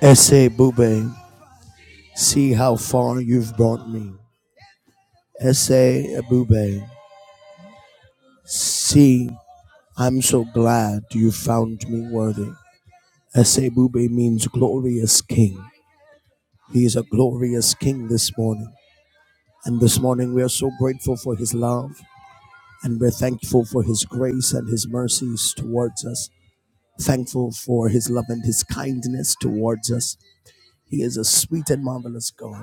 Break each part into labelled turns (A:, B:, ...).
A: Essay Bube, see how far you've brought me. Essay Bube, see, I'm so glad you found me worthy. Essay Bube means glorious king. He is a glorious king this morning. And this morning we are so grateful for his love and we're thankful for his grace and his mercies towards us. Thankful for his love and his kindness towards us. He is a sweet and marvelous God.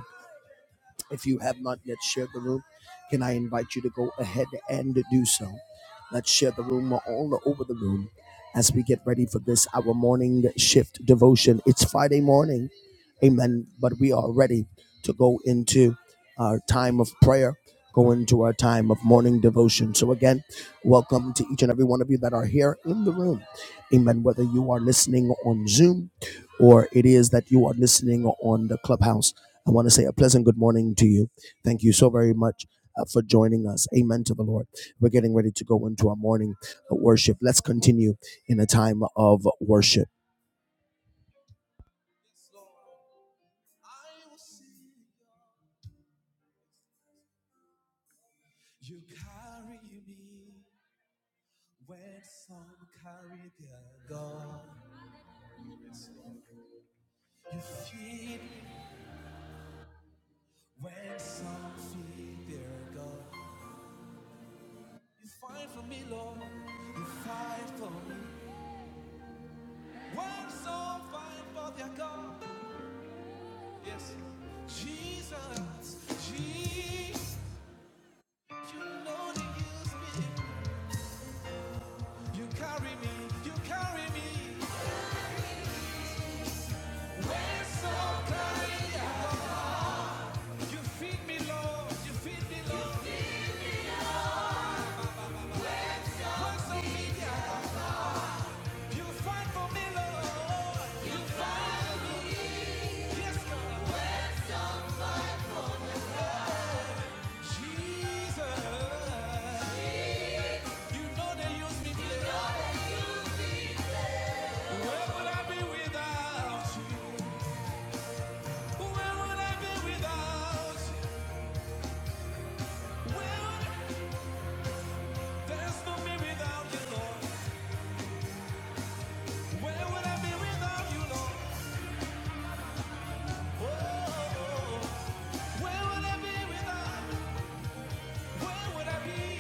A: If you have not yet shared the room, can I invite you to go ahead and do so? Let's share the room all over the room as we get ready for this, our morning shift devotion. It's Friday morning. Amen. But we are ready to go into our time of prayer, go into our time of morning devotion. So, again, welcome to each and every one of you that are here in the room. Amen. Whether you are listening on Zoom or it is that you are listening on the clubhouse. I want to say a pleasant good morning to you. Thank you so very much uh, for joining us. Amen to the Lord. We're getting ready to go into our morning uh, worship. Let's continue in a time of worship.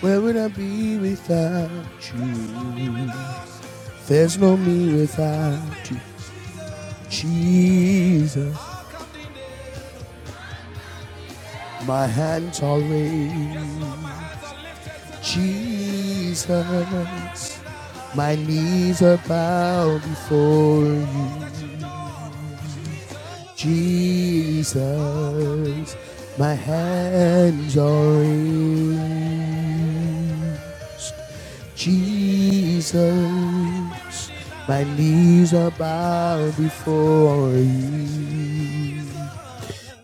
A: Where would I be without you? There's no me without you. Jesus, my hands are raised. Jesus, my knees are bowed before you. Jesus, my hands are in. Jesus, my knees are bowed before you.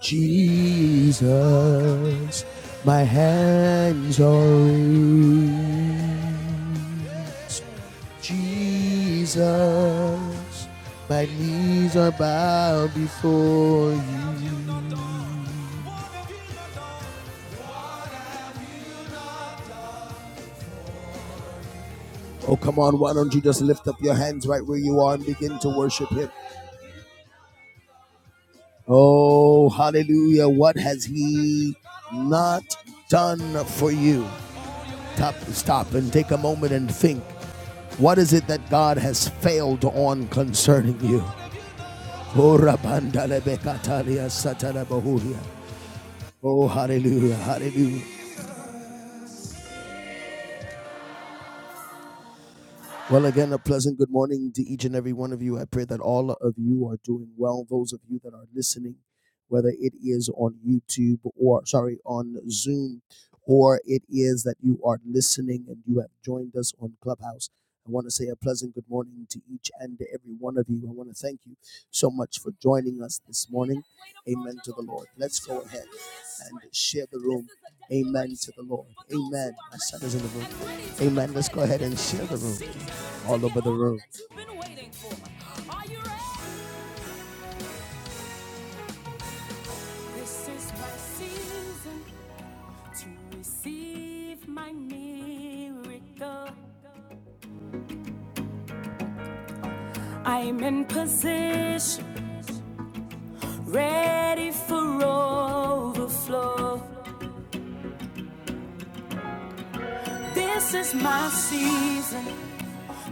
A: Jesus, my hands are in. Jesus, my knees are bowed before you. Oh, come on. Why don't you just lift up your hands right where you are and begin to worship Him? Oh, hallelujah. What has He not done for you? Stop, stop and take a moment and think. What is it that God has failed on concerning you? Oh, Oh, hallelujah, hallelujah. Well, again, a pleasant good morning to each and every one of you. I pray that all of you are doing well. Those of you that are listening, whether it is on YouTube or, sorry, on Zoom, or it is that you are listening and you have joined us on Clubhouse, I want to say a pleasant good morning to each and every one of you. I want to thank you so much for joining us this morning. Amen to the Lord. Let's go ahead and share the room. Amen to the Lord. Amen. My son is in the room. Amen. Let's go ahead and share the room all over the room. This is my season to receive my miracle. I'm in position, ready for overflow. This is my season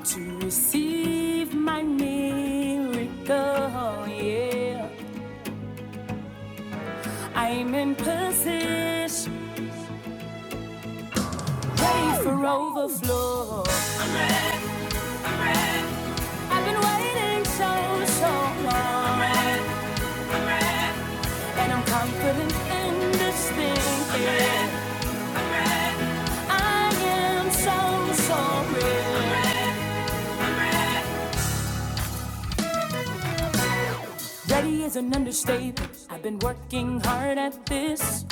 A: to receive my miracle. Yeah, I'm in position, ready for overflow. I've been waiting so, so long. And I'm confident in this thing. I am so, so real. Ready is an understatement. I've been working hard at this.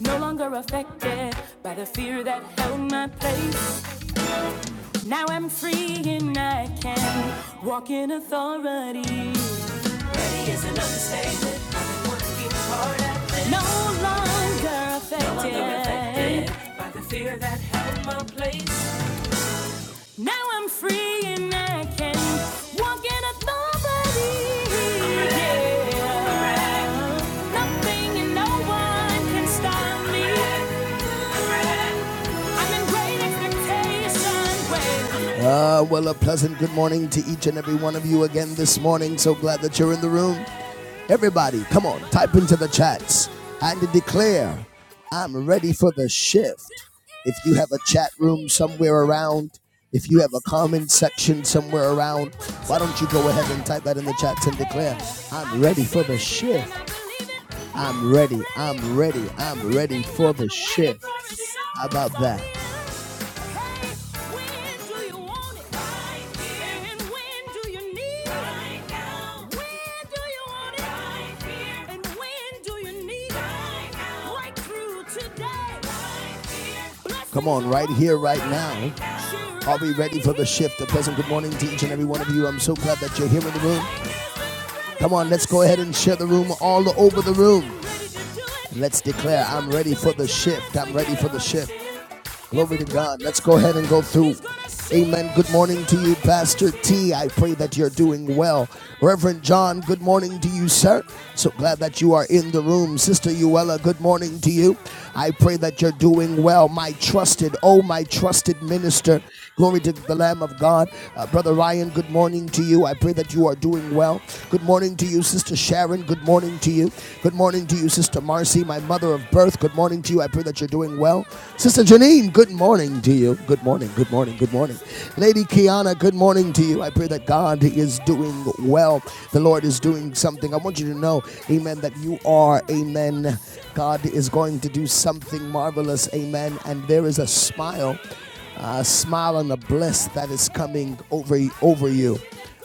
A: No longer affected by the fear that held my place. Now I'm free and I can walk in authority. No longer affected. No longer affected. Now I'm free and I can walk in authority. Yeah. Right. Nothing and no one can stop me. I'm in great expectation. Ah, well, a pleasant good morning to each and every one of you again this morning. So glad that you're in the room. Everybody, come on, type into the chats and declare, I'm ready for the shift. If you have a chat room somewhere around, if you have a comment section somewhere around, why don't you go ahead and type that in the chats and declare, I'm ready for the shift. I'm ready. I'm ready. I'm ready for the shift. How about that? Come on, right here, right now. Are we ready for the shift? A pleasant good morning to each and every one of you. I'm so glad that you're here in the room. Come on, let's go ahead and share the room all over the room. Let's declare, I'm ready for the shift. I'm ready for the shift. Glory to God. Let's go ahead and go through. Amen. Good morning to you, Pastor T. I pray that you're doing well. Reverend John, good morning to you, sir. So glad that you are in the room. Sister Uella, good morning to you. I pray that you're doing well. My trusted, oh, my trusted minister. Glory to the Lamb of God. Uh, Brother Ryan, good morning to you. I pray that you are doing well. Good morning to you, Sister Sharon. Good morning to you. Good morning to you, Sister Marcy, my mother of birth. Good morning to you. I pray that you're doing well. Sister Janine, good morning to you. Good morning, good morning, good morning. Lady Kiana, good morning to you. I pray that God is doing well. The Lord is doing something. I want you to know, amen, that you are, amen. God is going to do something marvelous, amen. And there is a smile uh, smile on the bliss that is coming over over you.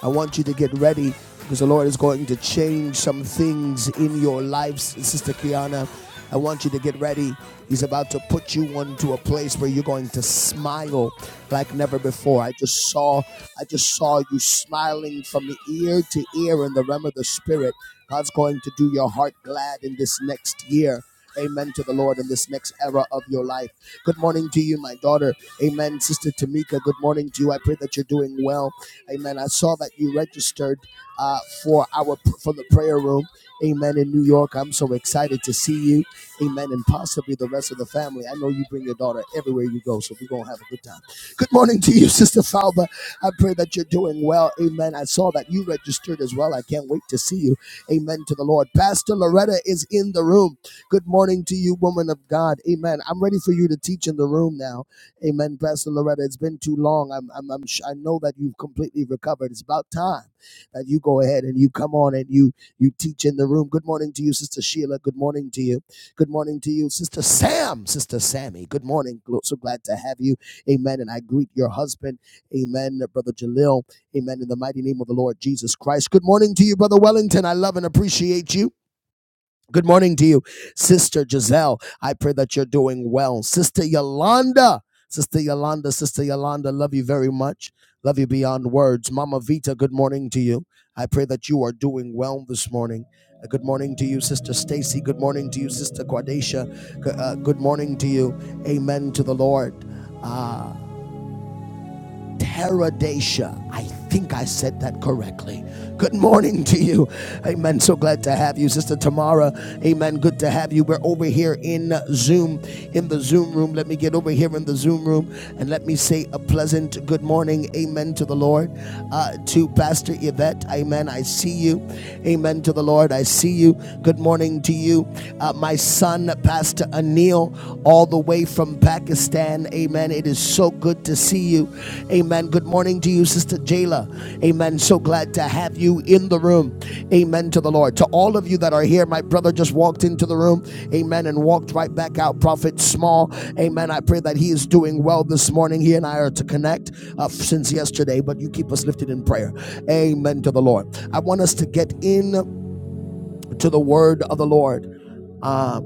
A: I want you to get ready because the Lord is going to change some things in your lives, Sister Kiana. I want you to get ready. He's about to put you onto a place where you're going to smile like never before. I just saw, I just saw you smiling from ear to ear in the realm of the spirit. God's going to do your heart glad in this next year. Amen to the Lord in this next era of your life. Good morning to you, my daughter. Amen. Sister Tamika, good morning to you. I pray that you're doing well. Amen. I saw that you registered uh, for our for the prayer room. Amen. In New York, I'm so excited to see you. Amen. And possibly the rest of the family. I know you bring your daughter everywhere you go, so we're gonna have a good good time. Good morning to you, Sister Falba. I pray that you're doing well. Amen. I saw that you registered as well. I can't wait to see you. Amen to the Lord. Pastor Loretta is in the room. Good morning to you, woman of God. Amen. I'm ready for you to teach in the room now. Amen, Pastor Loretta. It's been too long. I'm, I'm, I'm I know that you've completely recovered. It's about time uh, you go ahead and you come on and you you teach in the room. Good morning to you, Sister Sheila. Good morning to you. Good morning to you, Sister Sam. Sister Sammy. Good morning. So glad to have you. Amen. And I greet your husband. Amen, Brother Jalil. Amen. In the mighty name of the Lord Jesus Christ. Good morning to you, Brother Wellington. I love and appreciate you. Good morning to you, Sister Giselle. I pray that you're doing well. Sister Yolanda, Sister Yolanda, Sister Yolanda, love you very much. Love you beyond words. Mama Vita, good morning to you. I pray that you are doing well this morning. Uh, Good morning to you, Sister Stacy. Good morning to you, Sister Quadesha. uh, good morning to you. Amen to the Lord. Teradesha. I think I said that correctly. Good morning to you. Amen. So glad to have you, Sister Tamara. Amen. Good to have you. We're over here in Zoom, in the Zoom room. Let me get over here in the Zoom room and let me say a pleasant good morning. Amen to the Lord. Uh, to Pastor Yvette. Amen. I see you. Amen to the Lord. I see you. Good morning to you. Uh, my son, Pastor Anil all the way from Pakistan. Amen. It is so good to see you. Amen. Good morning to you, Sister Jayla. Amen. So glad to have you in the room. Amen to the Lord. To all of you that are here, my brother just walked into the room. Amen. And walked right back out. Prophet Small. Amen. I pray that he is doing well this morning. He and I are to connect uh, since yesterday, but you keep us lifted in prayer. Amen to the Lord. I want us to get in to the word of the Lord. Um,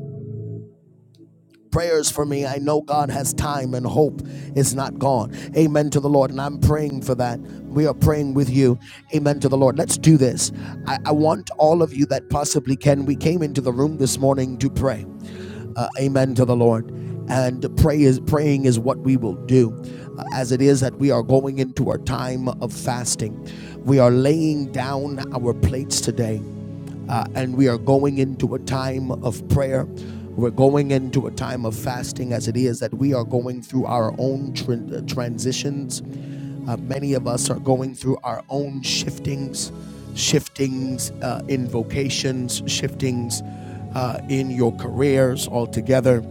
A: prayers for me. I know God has time and hope is not gone. Amen to the Lord. And I'm praying for that. We are praying with you. Amen to the Lord. Let's do this. I, I want all of you that possibly can. We came into the room this morning to pray. Uh, amen to the Lord. And pray is praying is what we will do, uh, as it is that we are going into our time of fasting. We are laying down our plates today. Uh, and we are going into a time of prayer. We're going into a time of fasting as it is that we are going through our own tran- uh, transitions. Uh, many of us are going through our own shiftings, shiftings uh, in vocations, shiftings uh, in your careers altogether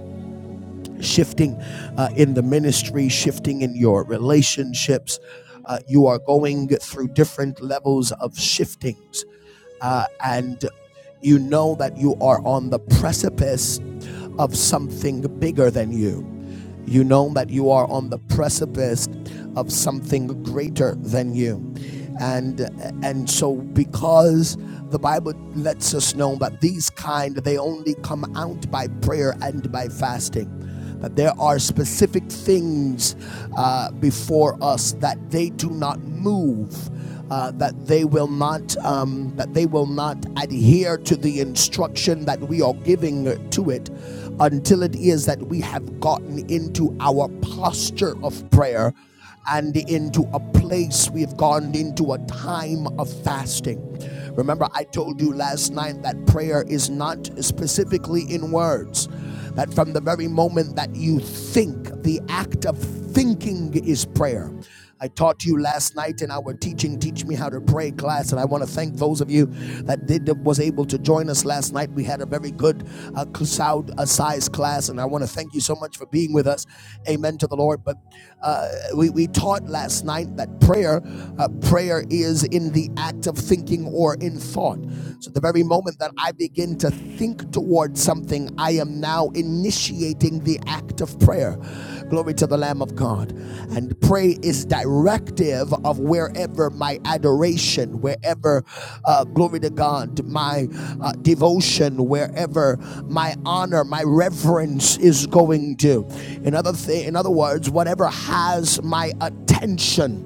A: shifting uh, in the ministry, shifting in your relationships. Uh, you are going through different levels of shiftings, uh, and you know that you are on the precipice of something bigger than you. You know that you are on the precipice of something greater than you. And and so because the Bible lets us know that these kind they only come out by prayer and by fasting that there are specific things uh, before us that they do not move. Uh, that they will not um, that they will not adhere to the instruction that we are giving to it until it is that we have gotten into our posture of prayer and into a place we've gone into a time of fasting. Remember, I told you last night that prayer is not specifically in words, that from the very moment that you think, the act of thinking is prayer. I taught to you last night in our teaching teach me how to pray class and I want to thank those of you that did was able to join us last night we had a very good uh, sound uh, size class and I want to thank you so much for being with us amen to the Lord but uh, we, we taught last night that prayer uh, prayer is in the act of thinking or in thought so the very moment that I begin to to think towards something, I am now initiating the act of prayer. Glory to the Lamb of God. And pray is directive of wherever my adoration, wherever, uh, glory to God, my uh, devotion, wherever my honor, my reverence is going to. In other, th- in other words, whatever has my my attention.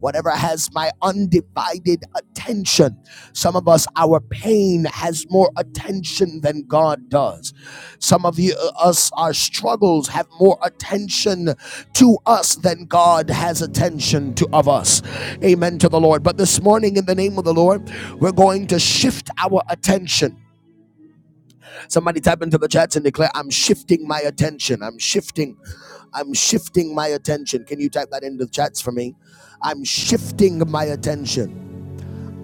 A: Whatever has my undivided attention. Some of us, our pain has more attention than God does. Some of you, uh, us, our struggles have more attention to us than God has attention to of us. Amen to the Lord. But this morning, in the name of the Lord, we're going to shift our attention. Somebody type into the chats and declare, I'm shifting my attention. I'm shifting. I'm shifting my attention. Can you type that into the chats for me? I'm shifting my attention.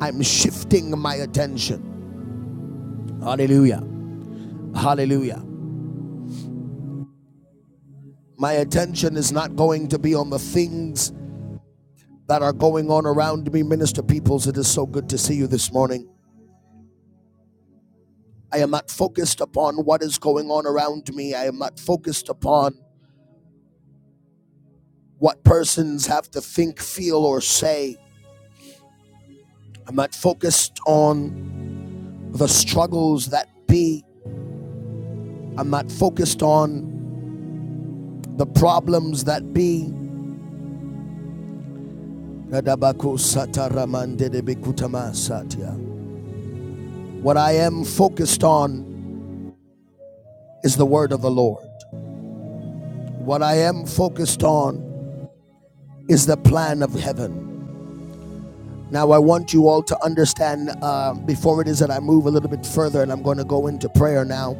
A: I'm shifting my attention. Hallelujah. Hallelujah. My attention is not going to be on the things that are going on around me, Minister Peoples. It is so good to see you this morning. I am not focused upon what is going on around me. I am not focused upon what persons have to think, feel, or say. I'm not focused on the struggles that be. I'm not focused on the problems that be. What I am focused on is the word of the Lord. What I am focused on is the plan of heaven. Now, I want you all to understand uh, before it is that I move a little bit further and I'm going to go into prayer now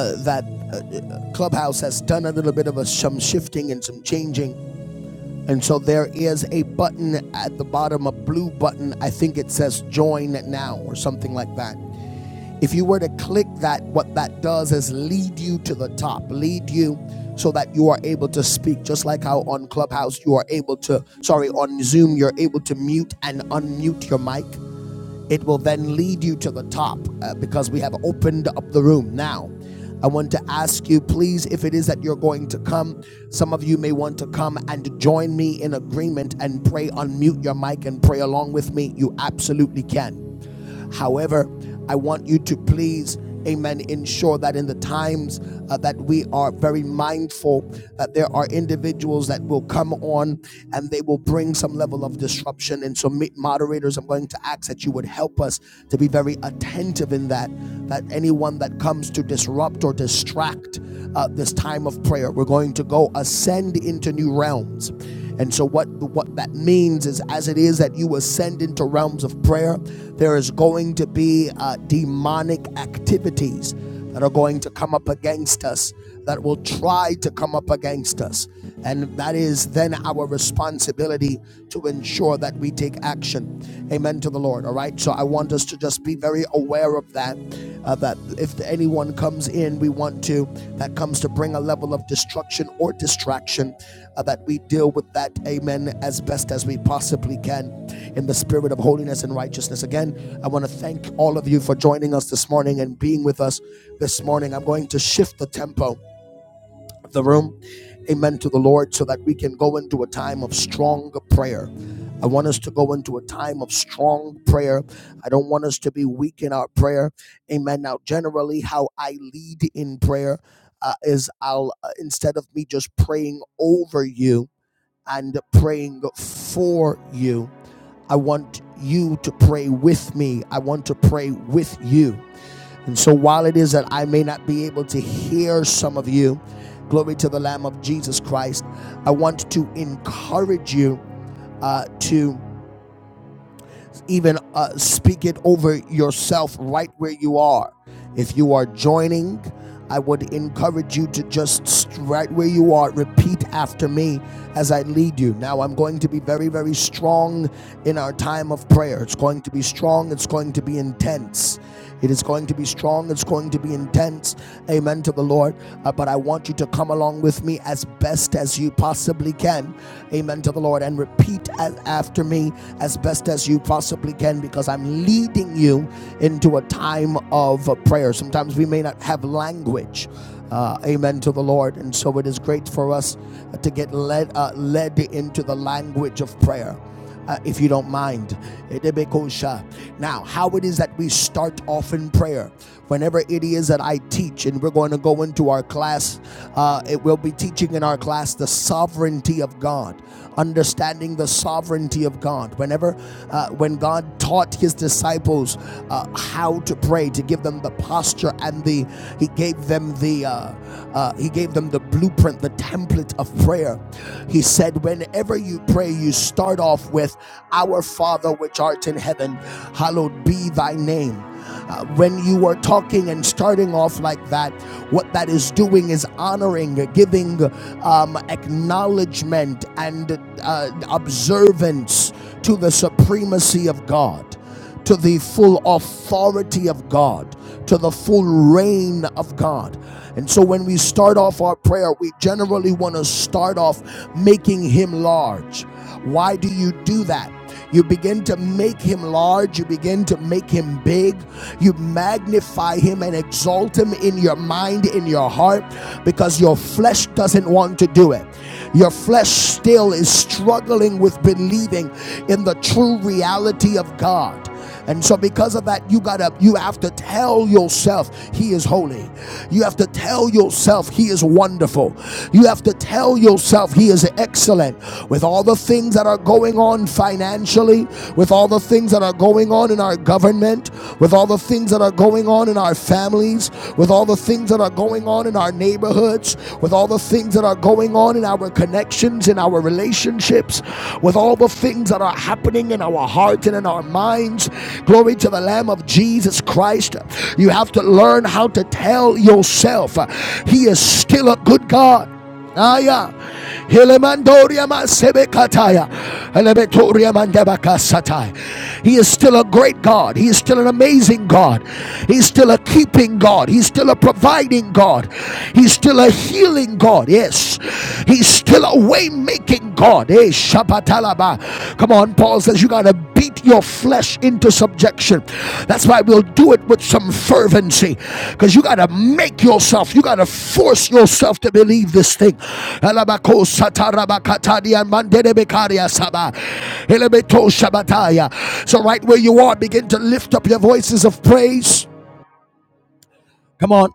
A: uh, that uh, Clubhouse has done a little bit of a, some shifting and some changing And so there is a button at the bottom, a blue button. I think it says join now or something like that. If you were to click that, what that does is lead you to the top, lead you so that you are able to speak, just like how on Clubhouse you are able to, sorry, on Zoom, you're able to mute and unmute your mic. It will then lead you to the top uh, because we have opened up the room now. I want to ask you, please, if it is that you're going to come, some of you may want to come and join me in agreement and pray, unmute your mic and pray along with me. You absolutely can. However, I want you to please, amen, ensure that in the times uh, that we are very mindful that there are individuals that will come on and they will bring some level of disruption. And so, moderators, I'm going to ask that you would help us to be very attentive in that, that anyone that comes to disrupt or distract uh, this time of prayer, we're going to go ascend into new realms. And so what what that means is as it is that you ascend into realms of prayer, there is going to be uh, demonic activities that are going to come up against us that will try to come up against us. And that is then our responsibility to ensure that we take action. Amen to the Lord. All right. So I want us to just be very aware of that. uh, that if anyone comes in, we want to, that comes to bring a level of destruction or distraction uh, that we deal with that, amen, as best as we possibly can in the spirit of holiness and righteousness. Again, I want to thank all of you for joining us this morning and being with us this morning. I'm going to shift the tempo of the room, amen, to the Lord, so that we can go into a time of strong prayer. I want us to go into a time of strong prayer. I don't want us to be weak in our prayer. Amen. Now, generally, how I lead in prayer uh, is I'll, uh, instead of me just praying over you, and praying for you. I want you to pray with me. I want to pray with you. And so while it is that I may not be able to hear some of you, glory to the Lamb of Jesus Christ, I want to encourage you uh, to even uh, speak it over yourself right where you are. If you are joining, I would encourage you to just right where you are, repeat after me as I lead you. Now, I'm going to be very, very strong in our time of prayer. It's going to be strong, it's going to be intense. It is going to be strong, it's going to be intense. Amen to the Lord. Uh, but I want you to come along with me as best as you possibly can. Amen to the Lord. And repeat as, after me me as best as you possibly can because I'm leading you into a time of uh, prayer. Sometimes we may not have language. Uh, amen to the Lord. And so it is great for us to get led, uh, led into the language of prayer uh, if you don't mind. Now, how it is that we start off in prayer whenever it is that I teach, and we're going to go into our class, uh, it will be teaching in our class the sovereignty of God, understanding the sovereignty of God. Whenever, uh, when God taught his disciples uh, how to pray, to give them the posture and the, he gave them the, uh, uh, he gave them the blueprint, the template of prayer. He said, whenever you pray, you start off with, Our Father which art in heaven, hallowed be thy name. Uh, when you are talking and starting off like that, what that is doing is honoring, giving um, acknowledgement and uh, observance to the supremacy of God, to the full authority of God, to the full reign of God. And so when we start off our prayer, we generally want to start off making Him large. Why do you do that? You begin to make him large. You begin to make him big. You magnify him and exalt him in your mind, in your heart, because your flesh doesn't want to do it. Your flesh still is struggling with believing in the true reality of God. And so because of that, you gotta you have to tell yourself he is holy. You have to tell yourself he is wonderful. You have to tell yourself he is excellent. With all the things that are going on financially, with all the things that are going on in our government, with all the things that are going on in our families, with all the things that are going on in our neighborhoods, with all the things that are going on in our connections, in our relationships, lips, with all the things that are happening in our hearts and in our minds. Glory to the Lamb of Jesus Christ. You have to learn how to tell yourself, uh, He is still a good God. Aya. Helemandoria masebekataya. Elebetoria mandebakasatai. He is still a great God. He is still an amazing God. He's still a keeping God. He's still a providing God. He's still a healing God. Yes, He's still a way making God. Hey, Shabatalaba. Come on, Paul says you gotta beat your flesh into subjection. That's why we'll do it with some fervency because you gotta make yourself, you gotta force yourself to believe this thing. So, right where you are, begin to lift up your voices of praise. Come on.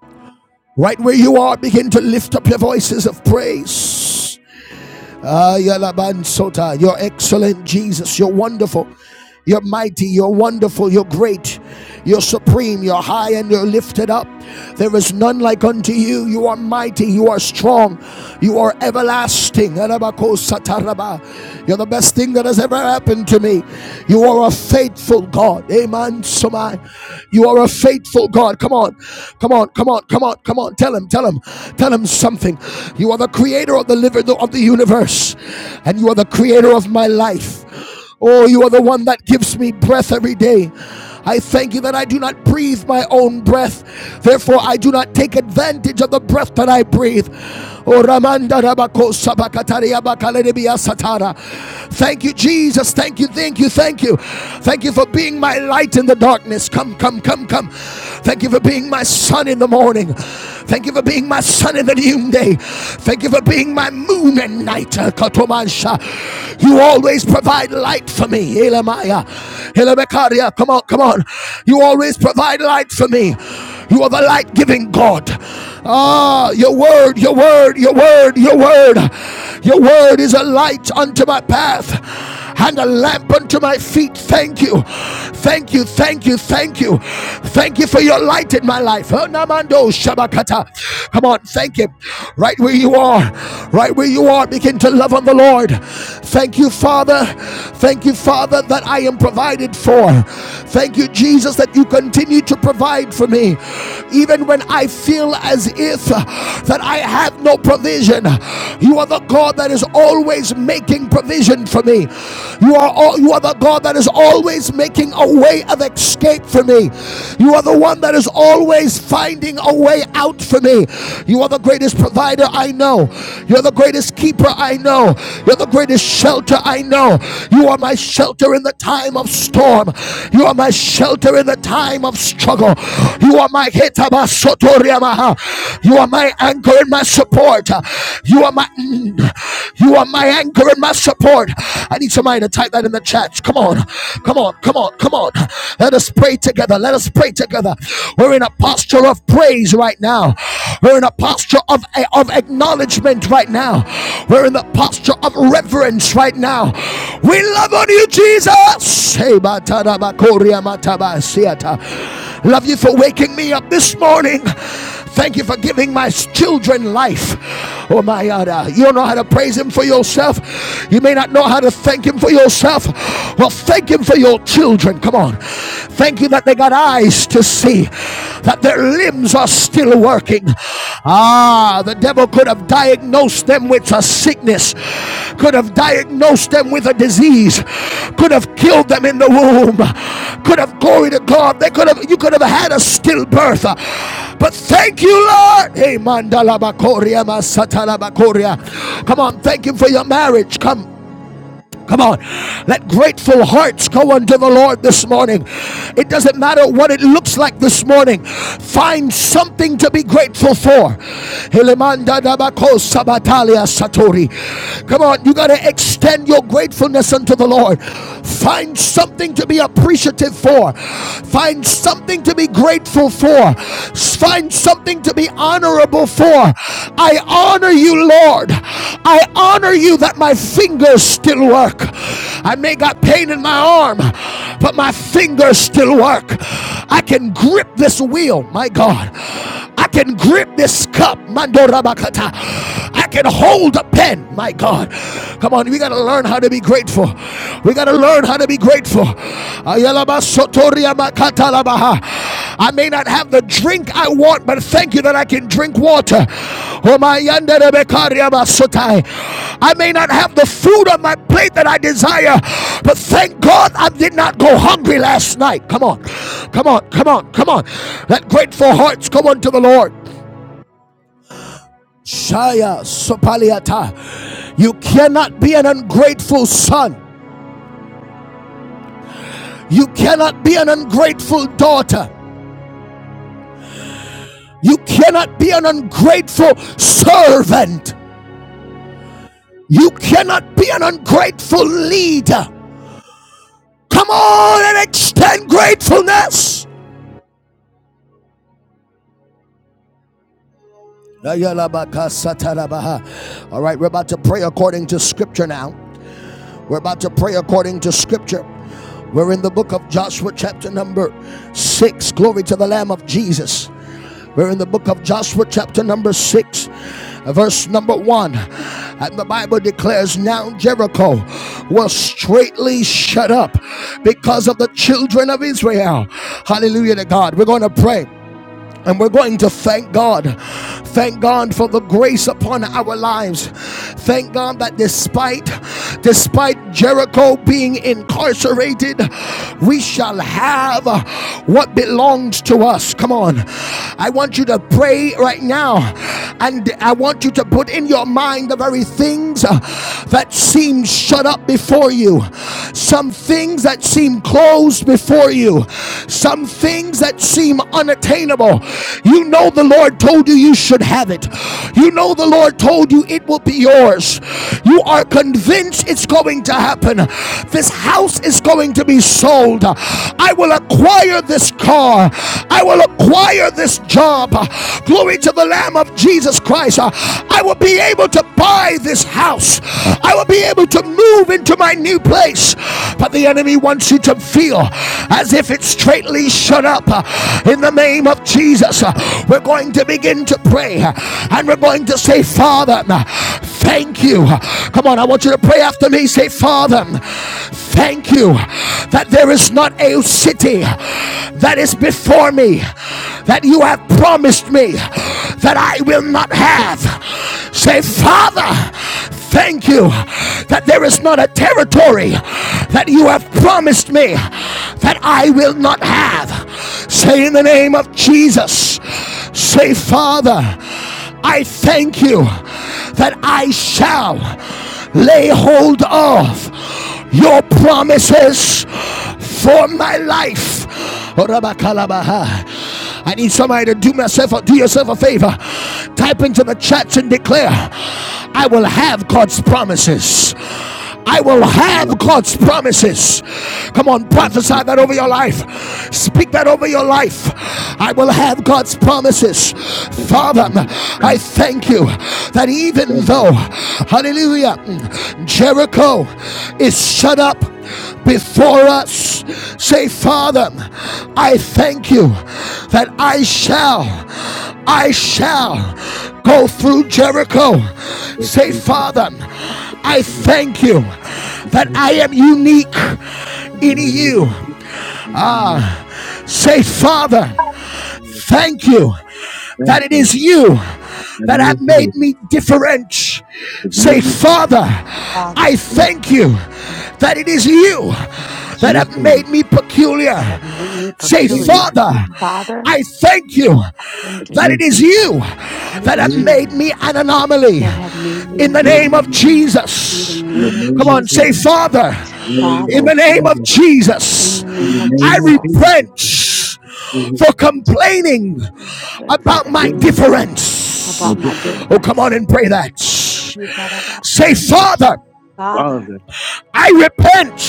A: Right where you are, begin to lift up your voices of praise. Ayalabansota, You're excellent, Jesus. You're wonderful. You're mighty. You're wonderful. You're great. You're supreme. You're high and you're lifted up. There is none like unto you. You are mighty. You are strong. You are everlasting. You're the best thing that has ever happened to me. You are a faithful God. Amen. Somai. You are a faithful God. Come on. Come on. Come on. Come on. Come on. Tell him. Tell him. Tell him something. You are the the creator of the living of the universe, and you are the creator of my life. Oh, you are the one that gives me breath every day. I thank you that I do not breathe my own breath. Therefore, I do not take advantage of the breath that I breathe. Oh, Ramanda Rabako Sabakataria Bakaleribia Satara. Thank you, Jesus. Thank you, thank you, thank you. Thank you for being my light in the darkness. Come, come, come, come. Thank you for being my sun in the morning. Thank you for being being my sun in the noonday. Thank you for being my moon at night. Katomansha. You always provide light for me. Elamaya. Elamekaria. Come on, come on. You always provide light for me. You are the light giving God. Ah, your word, your word, your word, your word. Your word is a light unto my path and a lamp unto my feet. Thank you. Thank you. Thank you. Thank you. Thank you for your light in my life. Oh, Namando Shabakata. Come on, thank him. Right where you are. Right where you are. Begin to love on the Lord. Thank you, Father. Thank you, Father, that I am provided for. Thank you, Jesus, that you continue to provide for me. Even when I feel as if uh, that I have no provision, you are the God that is always making provision for me me. You are all, you are the God that is always making a way of escape for me. You are the one that is always finding a way out for me. You are the greatest provider I know. You're the greatest keeper I know. You're the greatest shelter I know. You are my shelter in the time of storm. You are my shelter in the time of struggle. You are my You are my anchor and my support. You are my mm, you are my anchor and my support. I need somebody to type that in the chat. Come on, come on, come on, come on. Let us pray together. Let us pray together. We're in a posture of praise right now. We're in a posture of, of acknowledgement right now. We're in the posture of reverence right now. We love on you, Jesus. Hey, Love you for waking me up this morning. Thank you for giving my children life. Oh my God. uh, You don't know how to praise Him for yourself. You may not know how to thank Him for yourself. Well, thank Him for your children. Come on. Thank you that they got eyes to see, that their limbs are still working. Ah, Ah, the devil could have diagnosed them with a sickness, could have diagnosed them with a disease, could have killed them in the womb, could have glory to God. They could have you could have had a stillbirth. But thank you, Lord. Hey, mandala bakoria, masatala bakoria. Come on, thank you for your marriage. Come. Come on. Let grateful hearts go unto the Lord this morning. It doesn't matter what it looks like this morning. Find something to be grateful for. Come on, you got to extend your gratefulness unto the Lord. Find something to be appreciative for. Find something to be grateful for. Find something to be honorable for. I honor you, Lord. I honor you that my fingers still work. I may got pain in my arm, but my fingers still work. I can grip this wheel, my God. I can grip this cup, Mandorabakata. I can hold a pen, my God. Come on, we got to learn how to be grateful. We got to learn how to be grateful. I may not have the drink I want, but thank you that I can drink water. I may not have the food on my plate that I desire, but thank God I did not go hungry last night. Come on, come on, come on, come on. Let grateful hearts go unto the Lord. Shaya Sopaliata. You cannot be an ungrateful son. You cannot be an ungrateful daughter. You cannot be an ungrateful servant. You cannot be an ungrateful leader. Come on and extend gratefulness. All right, we're about to pray according to scripture now. We're about to pray according to scripture. We're in the book of Joshua, chapter number six. Glory to the Lamb of Jesus. We're in the book of Joshua, chapter number six, verse number one. And the Bible declares now Jericho was straightly shut up because of the children of Israel. Hallelujah to God. We're going to pray. And we're going to thank God. Thank God for the grace upon our lives. Thank God that despite despite Jericho being incarcerated, we shall have what belongs to us. Come on. I want you to pray right now. And I want you to put in your mind the very things uh, that seem shut up before you. Some things that seem closed before you. Some things that seem unexplainable unattainable. You know the Lord told you you should have it. You know the Lord told you it will be yours. You are convinced it's going to happen. This house is going to be sold. I will acquire this car. I will acquire this job. Glory to the Lamb of Jesus Christ. I will be able to buy this house. I will be able to move into my new place. But the enemy wants you to feel as if it's straightly shut up in the name of Jesus, we're going to begin to pray and we're going to say, Father, thank you. Come on, I want you to pray after me. Say, Father, thank you that there is not a city that is before me that you have promised me that I will not have. Say, Father, thank you that there is not a territory that you have promised me that I will not have path. Say in the name of Jesus, say, Father, I thank you that I shall lay hold of your promises for my life. I need somebody to do myself or do yourself a favor. Type into the chats and declare, I will have God's promises. I
B: Thank you. I
A: will
B: you
A: have God's promises. Come on, prophesy that over your life. Speak that over your life. I will have God's promises. Father, I thank you that even though, hallelujah, Jericho is shut up before us, say, Father, I thank you that I shall, I shall go through Jericho. Say, Father, I thank you that I am unique in you. Ah, say, Father. Thank you that
B: Thank
A: it
B: you.
A: is you that have made me different. Say, Father,
C: Father,
A: I thank you
C: thank you
A: that it is you
C: that it is
A: that
C: you
A: have made me peculiar.
C: that have made me
A: Say,
C: peculiar.
A: Father,
C: Father,
A: I thank you
C: thank
A: that
C: you
A: it
B: thank
A: is
B: you.
A: you
C: that it
A: that have
C: is you
A: made me an anomaly
C: that have made me
A: in the name of
C: unknown. In the
A: Jesus.
C: name of
A: Come on, say,
C: Jesus,
A: Father, in the
C: Father,
A: name of
B: Father,
C: in
A: Jesus,
C: the name of
A: I
C: Jesus,
A: repent for complaining
C: we're
A: about my
C: complaining
A: difference.
C: about my
A: Oh, come on
C: difference.
A: and pray that.
C: You got about-
A: Say, Father,
C: Father,
A: I repent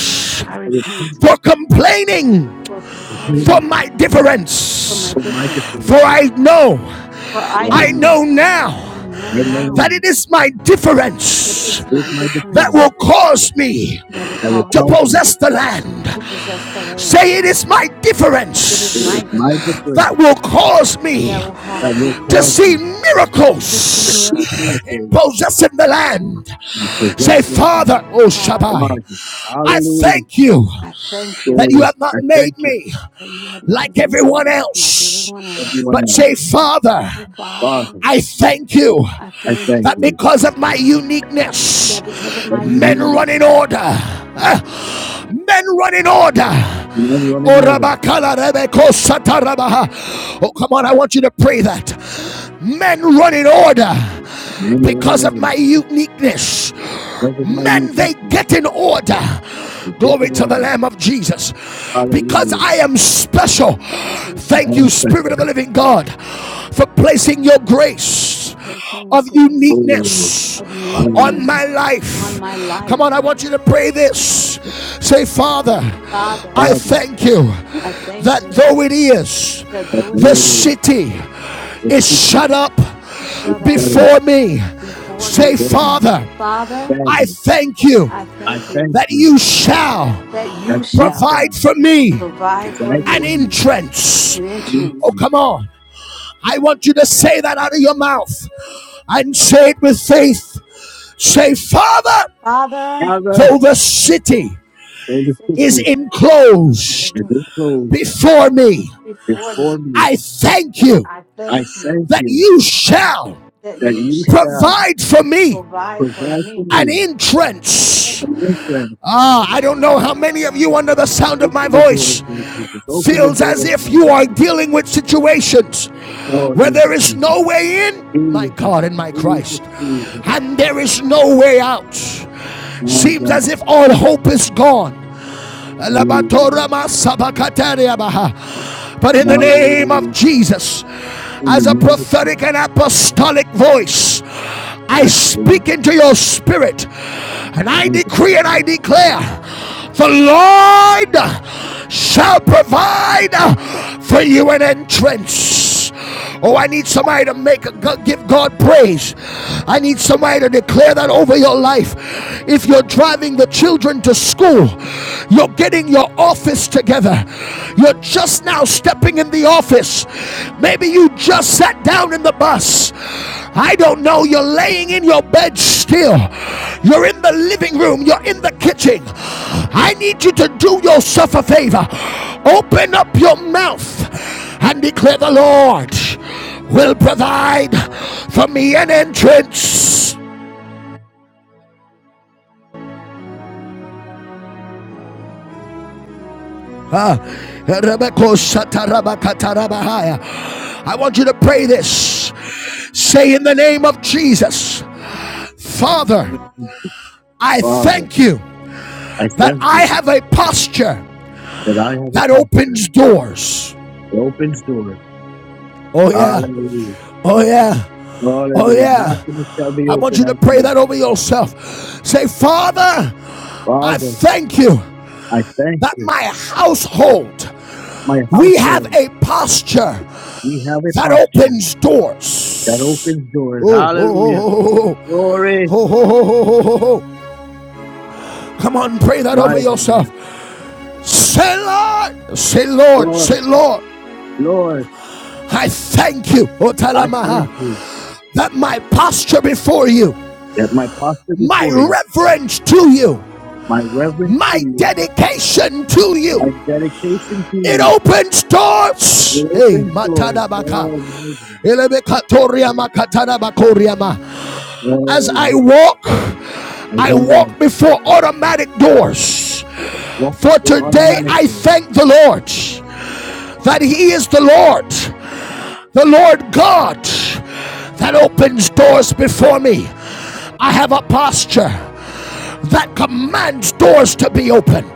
C: I
B: I
C: repent
B: repent.
A: for complaining
C: for
B: I
A: for
C: complaining
A: my
B: pray.
C: for
A: difference.
C: my
B: with my
C: difference.
A: For
B: defense
A: I know,
C: For I
B: right
A: I
C: know,
B: now,
A: know
C: I
A: now
C: know
B: right now,
C: now
A: that it
B: now.
A: is my
C: that
A: difference
C: it's
B: It's
C: my
B: my
A: that
B: defense
A: will
C: difference
A: cause me
C: that will
B: that will
C: cause
A: to
B: cause
C: me
B: me.
A: possess the
C: to
A: land.
C: possess the land.
A: Say, it is my
C: It is
B: It
A: difference
C: my
B: is my
C: difference
B: defense
A: that will cause me
C: that will
B: that
C: cause
B: will
A: to
B: cause
C: me
A: see
B: me
C: to see
B: to
A: miracles
B: see
C: miracles.
A: in
B: miracles
A: possessing the land.
B: in the
A: Say,
B: possession of
A: Father, O
C: Father,
B: my
A: Shabbai,
B: Father.
A: I
B: Hallelujah.
A: thank you
C: I thank
A: that
C: you
A: you
B: Glory.
A: have
B: I
A: not
B: thank
A: made
B: you.
A: me
C: that you have not
A: like
C: made
B: Thanks be
A: everyone
C: me
B: to
C: like
A: else.
C: everyone else.
B: Everyone
A: But
B: else.
A: say, Father,
C: But Father,
B: Father,
A: I thank you
C: I
B: I
C: thank
B: thank
A: that
C: you
B: you.
A: because of my uniqueness,
C: that because of my
A: men
B: Everyone
A: run in
C: uniqueness,
A: order.
C: Lord,
A: Ah,
C: I'm-
A: Men run in order.
B: in everyone in
A: Oh,
C: Lord,
B: order.
C: I'm-
A: Oh, come on, I want you to pray that. Men run in order
B: In everyone in
C: Lord,
A: because of
B: order.
A: my uniqueness
B: Because of my
C: my
B: youth,
A: men they
B: we
C: uniqueness,
A: get in order.
B: get
A: Glory
B: in
A: to
B: order.
A: the Lamb of Jesus.
B: Hallelujah.
A: Because I am special.
C: because I'm
B: As
A: Thank
B: I
A: you,
C: special,
B: expect.
A: Spirit of the Living God, for placing your grace
C: placing your
A: of
B: Oh,
C: grace
A: uniqueness
C: of
A: on
C: uniqueness
B: hallelujah.
A: my life.
C: on my
A: Come
C: life.
A: on, I want you to pray this. Say, Father,
C: Father,
A: I
B: Father,
A: thank you
C: I thank
A: that
C: you
A: though it is,
C: that
B: that
C: though
B: the
C: it
A: the
B: way
C: is
B: it is,
A: city
C: the
B: it's
A: is
B: tricky,
C: sickness
A: shut up
C: is
B: it's
C: shut up
B: terrible.
A: before me.
C: before
A: Say,
C: me,
B: before me.
A: Father,
C: Father,
A: I
B: Father,
A: thank you
C: I
B: I
C: thank you
B: thank
A: that
B: you
A: you shall
C: that
B: that
C: you
B: you
C: shall
A: provide
B: shine
A: for me
B: the
C: provide for
B: bright
A: an
C: me
B: for me.
A: entrance.
C: an
B: Thank
A: Oh,
C: entrance.
B: you.
A: come on. I want you to say that out of your mouth and say it with faith. Say, Father,
C: Father,
B: Father,
A: though the city
C: the
B: though the
C: city
A: is
B: sickly
C: is
A: enclosed
B: is closed
A: before me,
C: before
B: before
C: me.
B: me,
A: I thank you
C: I
B: I
C: thank you
B: thank
A: that
B: you
A: you shall
C: that
B: that
C: you
B: you
C: shall
B: shall
A: provide for me
C: provide for
B: provide for
C: me
A: an
B: me.
C: an
A: entrance.
B: And
C: entrance
B: listen,
A: Ah, I don't know how many of you under the sound of my
B: Open the doors,
A: voice
B: Lord Jesus. Open the
A: feels as
B: doors,
A: if
B: my
A: you are
B: God.
A: dealing with situations
B: Oh,
A: where
B: yes,
A: there is
B: Jesus.
A: no way in, my
B: Jesus,
A: God and my
B: Jesus,
A: Christ,
B: Jesus.
A: and there is no way out.
B: My
A: Seems
B: God.
A: as if all hope is gone.
B: Hallelujah.
A: But in the name of
B: Hallelujah.
A: Jesus,
B: In the
A: as a
B: name of
A: prophetic
B: Jesus.
A: and apostolic voice, I
B: Yes,
A: speak
B: Lord.
A: into your spirit and I decree and I
D: Amen.
A: declare the Lord shall provide for you an entrance house. Oh, I need somebody to make a, give God praise. I need somebody to declare that over your life. If you're driving the children to school, you're getting your office together. You're just now stepping in the office. Maybe you just sat down in the bus. I don't know. You're laying in your bed still. You're in the living room. You're in the kitchen. I need you to do yourself a favor. Open up your mouth and declare the Lord will provide for me an entrance. Ah, I want you to pray this. Say in the name of Jesus, Father,
B: My God.
A: I
B: Father,
A: thank you
B: I
A: that
B: thank
A: I
B: you
A: have a posture
B: that I have a
A: that
B: posture
A: opens doors.
B: that opens doors.
A: Oh, yeah.
B: Hallelujah.
A: Oh, yeah. Oh,
B: Hallelujah.
A: yeah.
B: Nothing shall be
A: I want
B: open
A: you to
B: unto
A: pray that
B: you.
A: over yourself. Say, Father, I
B: Father,
A: thank you
B: I thank
A: that
B: you.
A: my household,
B: My
A: we have
B: household,
A: a posture
B: we have a
A: that
B: posture
A: opens doors.
B: that opens doors.
A: Oh, oh,
B: Hallelujah.
A: oh, oh, oh,
B: Glory.
A: oh, oh, oh, oh, oh. oh, oh, oh, oh, oh. Come on, pray that
B: My
A: over
B: God.
A: yourself. Say, Lord, say, Lord,
B: Lord,
A: say, Lord,
B: Lord,
A: I thank you,
B: I thank
A: Otalamaha,
B: you
A: that my posture before you,
B: that my posture
A: my
B: before you,
A: reverence to you,
B: my reverence to
A: my
B: you,
A: dedication to you
B: my dedication to
A: It
B: you,
A: opens doors.
B: it
A: Hey,
B: opens doors.
A: matadabaka.
B: Oh, my God.
A: Elebekatoria makatadabakoriama. As
B: Oh,
A: I
B: Lord.
A: walk,
B: My
A: I
B: God.
A: walk before automatic doors.
B: Walk
A: For
B: before
A: today, I
B: automatically?
A: thank the Lord that He is the Lord, the Lord God that opens doors before me. I have a posture that commands doors to be open.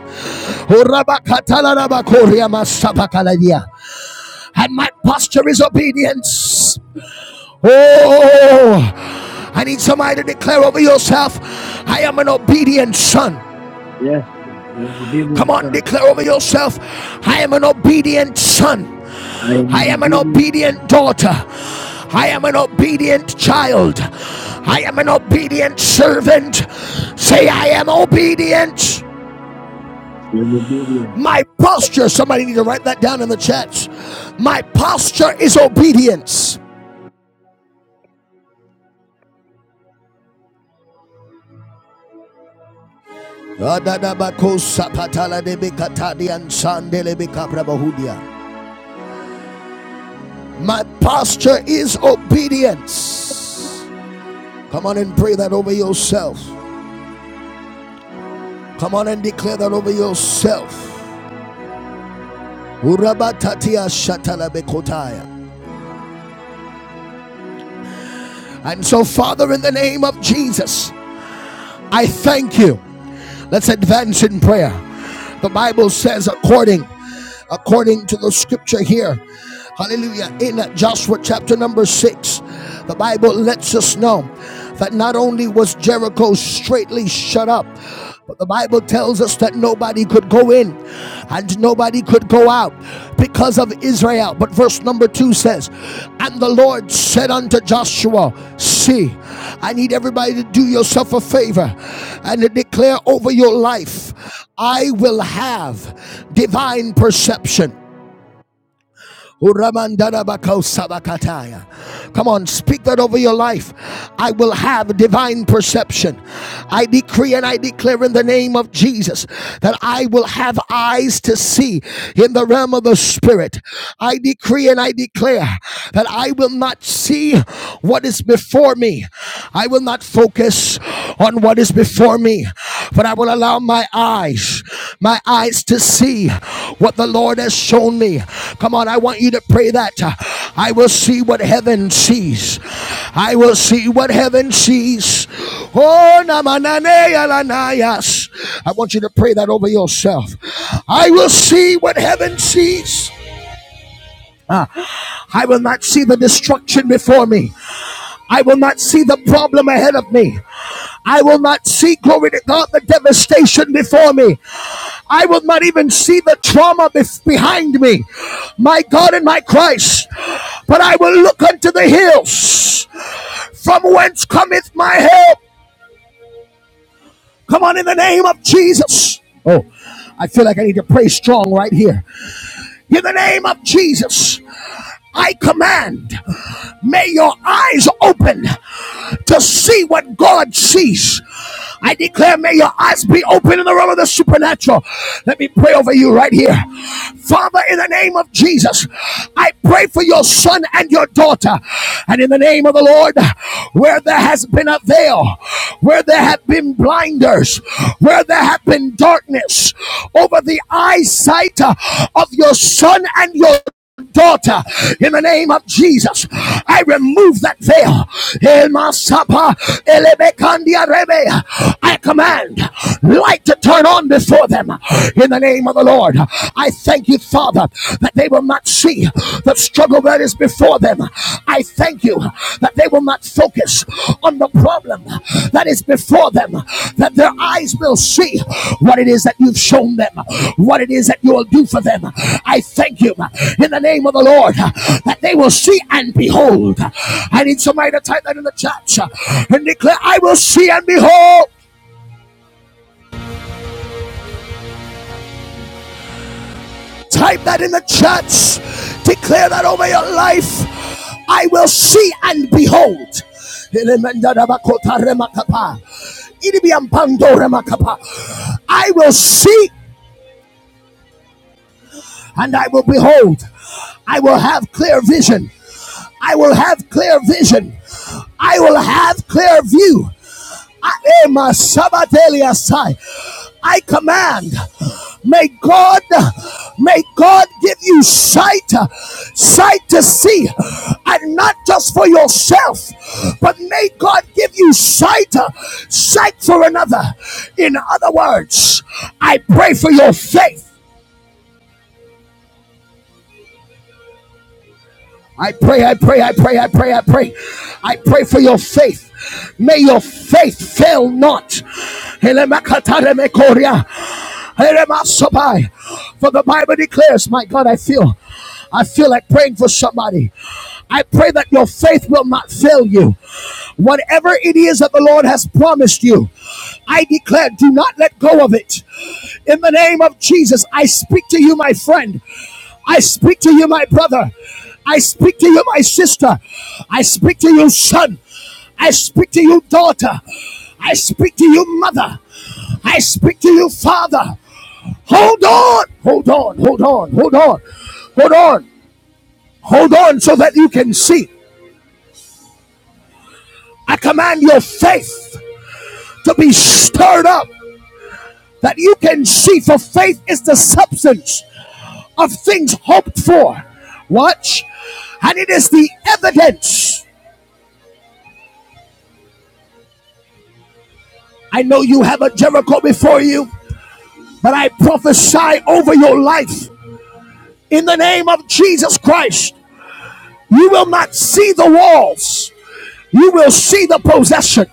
A: and my posture is obedience. Oh, I need somebody to declare over yourself, I am an obedient son.
B: Yes, I am
A: Come
B: obedient
A: on,
B: son.
A: declare over yourself, I am an obedient son.
B: I am
A: I
B: an
A: am an
B: obedient son.
A: obedient daughter. I am an obedient child. I am an obedient servant. Say, I am obedient.
B: I am obedient.
A: My posture, somebody need to write that down in the chat. My posture is obedience. Adadabakosa patala debe katadi and sandele be My posture is obedience. Come on and pray that over yourself. Come on and declare that over yourself. Urabatatia shatala bekotaya. And so, Father, in the name of Jesus, I thank you. Let's advance in prayer. The Bible says, according according to the scripture here. Hallelujah. In Joshua chapter number six, the Bible lets us know that not only was Jericho straightly shut up, but the Bible tells us that nobody could go in and nobody could go out because of Israel. But verse number two says, And the Lord said unto Joshua, See, I need everybody to do yourself a favor and to declare over your life I will have divine perception. Come on, speak that over your life. I will have divine perception. I decree and I declare in the name of Jesus that I will have eyes to see in the realm of the Spirit. I decree and I declare that I will not see what is before me. I will not focus on what is before me but I will allow my eyes, my eyes to see what the Lord has shown me. Come on, I want you to pray that. I will see what heaven sees. I will see what heaven sees. Oh, namanane alanayas. I want you to pray that over yourself. I will see what heaven sees. I will not see the destruction before me. I will not see the problem ahead of me. I will not see, glory to God, the devastation before me. I will not even see the trauma behind me, my God and my Christ, but I will look unto the hills from whence cometh my help. Come on, in the name of Jesus. Oh, I feel like I need to pray strong right here. In the name of Jesus. I command, may your eyes open to see what God sees. I declare, may your eyes be open in the realm of the supernatural. Let me pray over you right here. Father, in the name of Jesus, I pray for your son and your daughter. And in the name of the Lord, where there has been a veil, where there have been blinders, where there have been darkness over the eyesight uh, of your son and your daughter in the name of Jesus. I remove that veil. In my supper, I command light to turn on before them in the name of the Lord. I thank you, Father, that they will not see the struggle that is before them. I thank you that that they will not focus on the problem that is before them, that their eyes will see what it is that you've shown them, what it is that you will do for them. I thank you in the name of the Lord that they will see and behold. I need somebody to type that in the chat and declare, I will see and behold. Type that in the church. Declare that over your life. I will see and behold. I will see and I will behold. I will have clear vision. I will have clear vision. I will have clear view. I, eh, my Sabatelia Sai. I command, may God, may God give you sight, sight to see, and not just for yourself, but may God give you sight, sight for another. In other words, I pray for your faith. I pray, I pray, I pray, I pray, I pray. I pray for your faith. May your faith fail not. Elemakataremikoria. Eremasobai. For the Bible declares, my God, I feel, I feel like praying for somebody. I pray that your faith will not fail you. Whatever it is that the Lord has promised you, I declare, do not let go of it. In the name of Jesus, I speak to you, my friend. I speak to you, my brother. I speak to you, my sister. I speak to you, son. I speak to you, daughter. I speak to you, mother. I speak to you, father. Hold on, hold on, hold on, hold on, hold on, hold on, so that you can see. I command your faith to be stirred up, that you can see, for faith is the substance of things hoped for. Watch, and it is the evidence. I know you have a Jericho before you, but I prophesy over your life in the name of Jesus Christ. You will not see the walls, you will see the possession.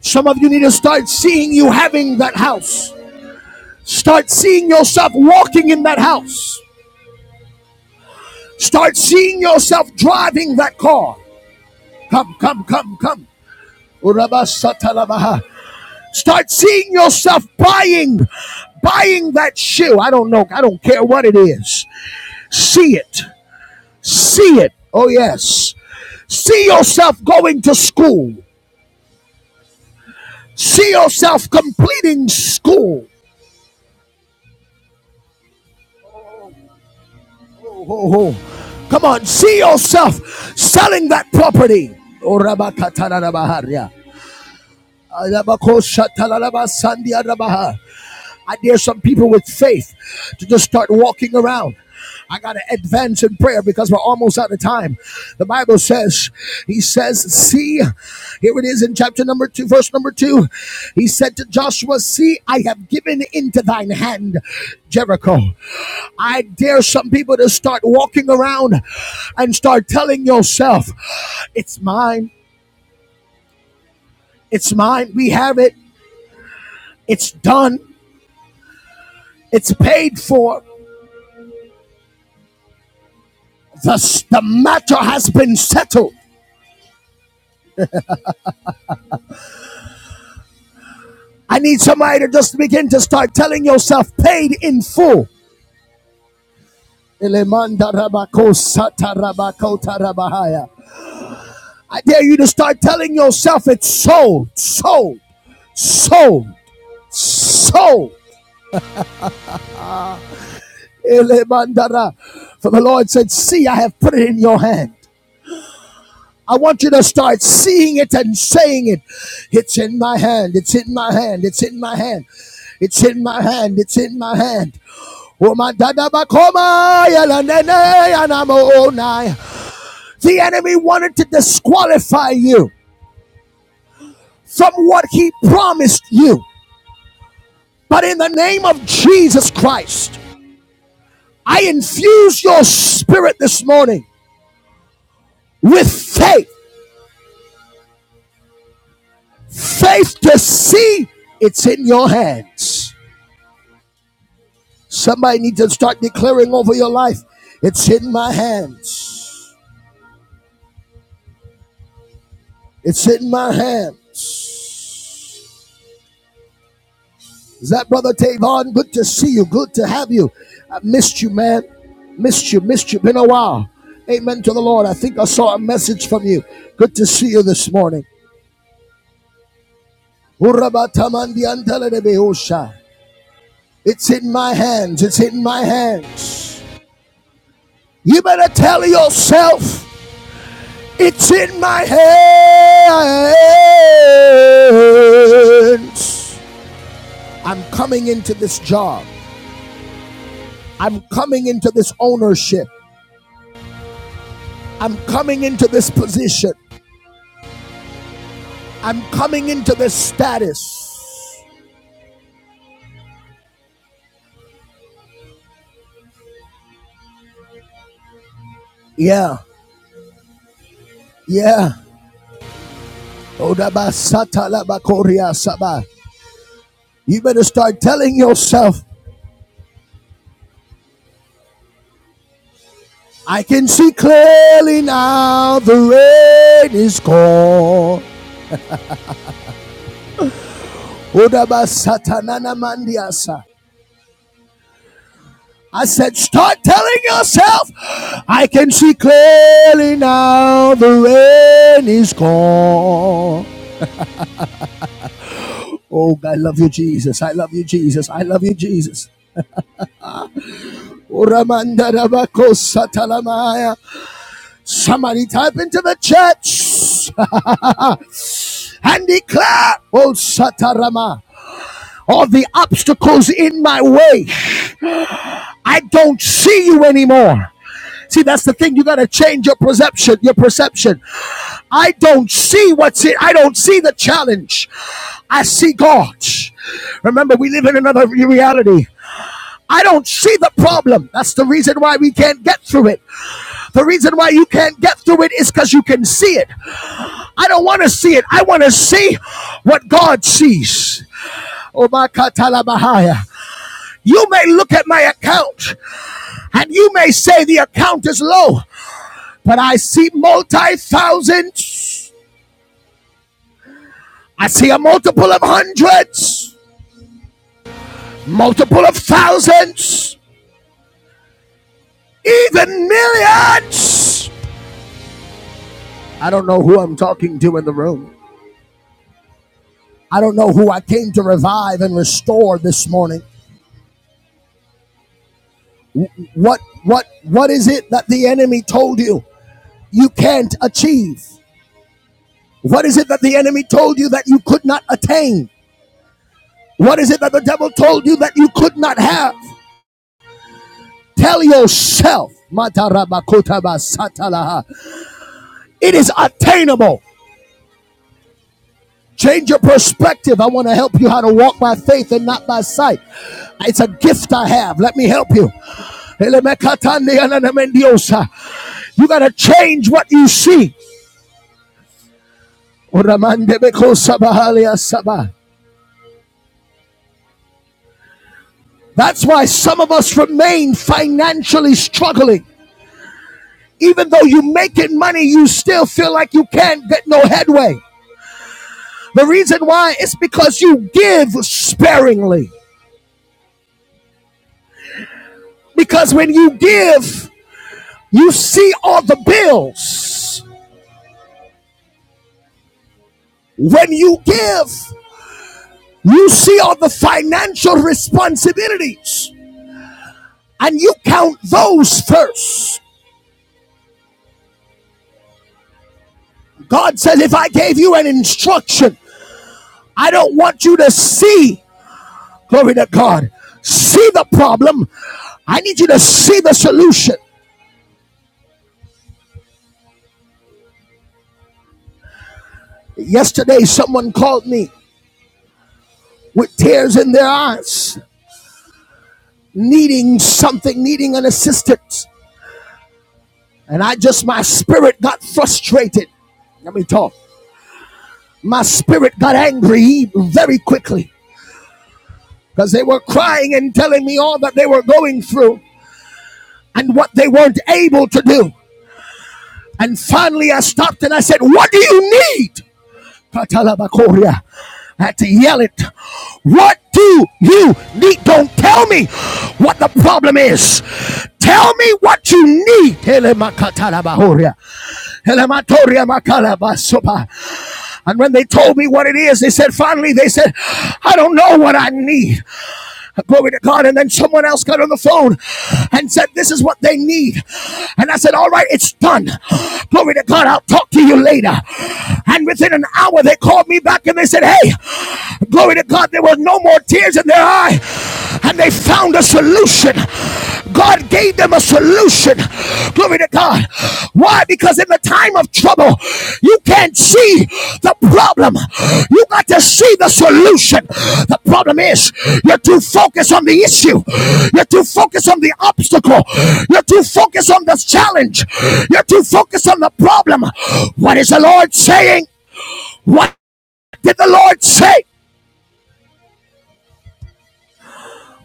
A: Some of you need to start seeing you having that house, start seeing yourself walking in that house, start seeing yourself driving that car. Come, come, come, come. Start seeing yourself buying, buying that shoe. I don't know. I don't care what it is. See it. See it. Oh, yes. See yourself going to school. See yourself completing school. Oh, oh, oh. Come on. See yourself selling that property. Oh, Rabakatanarabaharia. I dare some people with faith to just start walking around. I got to advance in prayer because we're almost out of time. The Bible says, He says, See, here it is in chapter number two, verse number two. He said to Joshua, See, I have given into thine hand Jericho. I dare some people to start walking around and start telling yourself, It's mine, it's mine, we have it, it's done. It's paid for. The, the matter has been settled. I need somebody to just begin to start telling yourself paid in full. I dare you to start telling yourself it's sold, sold, sold, sold. For the Lord said, See, I have put it in your hand. I want you to start seeing it and saying it. It's in my hand. It's in my hand. It's in my hand. It's in my hand. It's in my hand. Oh my dada bakoma yala nene yanamo The enemy wanted to disqualify you from what he promised you. But in the name of Jesus Christ, I infuse your spirit this morning with faith. Faith to see it's in your hands Somebody needs to start declaring over your life. It's in my hands. It's in my hands. Is that brother Tavon? Good to see you. Good to have you. I missed you, man. Missed you. Missed you. Been a while. Amen to the Lord. I think I saw a message from you. Good to see you this morning. It's in my hands. It's in my hands. You better tell yourself It's in my hands. I'm coming into this job. I'm coming into this ownership. I'm coming into this position. I'm coming into this status. Yeah, yeah. You better start telling yourself, I can see clearly now the rain is gone. Odabasatananamandiasa. I said, start telling yourself, I can see clearly now the rain is gone. Oh, I love you, Jesus. I love you, Jesus. I love you, Jesus. Oh, Somebody type into the church and declare, Oh, Satarama, all the obstacles in my way. I don't see you anymore. See, that's the thing. You got to change your perception, your perception. I don't see what's it. I don't see the challenge. I see God. Remember, we live in another reality. I don't see the problem. That's the reason why we can't get through it. The reason why you can't get through it is because you can see it. I don't want to see it. I want to see what God sees. Oh my katalabahaya. You may look at my account And you may say the account is low, but I see multi thousands. I see a multiple of hundreds, multiple of thousands, even millions. I don't know who I'm talking to in the room. I don't know who I came to revive and restore this morning. What what what is it that the enemy told you you can't achieve? What is it that the enemy told you that you could not attain? What is it that the devil told you that you could not have? Tell yourself, it is attainable. Change your perspective. I want to help you how to walk by faith and not by sight. It's a gift I have. Let me help you. You got to change what you see. That's why some of us remain financially struggling. Even though you are making money, you still feel like you can't get no headway. The reason why is because you give sparingly. Because when you give, you see all the bills. When you give, you see all the financial responsibilities and you count those first. God says, if I gave you an instruction, I don't want you to see, glory to God, see the problem. I need you to see the solution. Yesterday, someone called me with tears in their eyes needing something, needing an assistance. And I just, my spirit got frustrated. Let me talk. My spirit got angry very quickly because they were crying and telling me all that they were going through and what they weren't able to do. And finally, I stopped and I said, What do you need? Patalabakoria. I had to yell it. What do you need? Don't tell me what the problem is. Tell me what you need. And when they told me what it is, they said, finally, they said, I don't know what I need. Glory to God. And then someone else got on the phone and said, This is what they need. And I said, All right, it's done. Glory to God. I'll talk to you later. And within an hour, they called me back and they said, Hey, glory to God, there were no more tears in their eye. And they found a solution. God gave them a solution Glory to God. Why? Because in the time of trouble, you can't see the problem. You got to see the solution. The problem is you're too focused on the issue. You're too focused on the obstacle. You're too focused on the challenge. You're too focused on the problem. What is the Lord saying? What did the Lord say?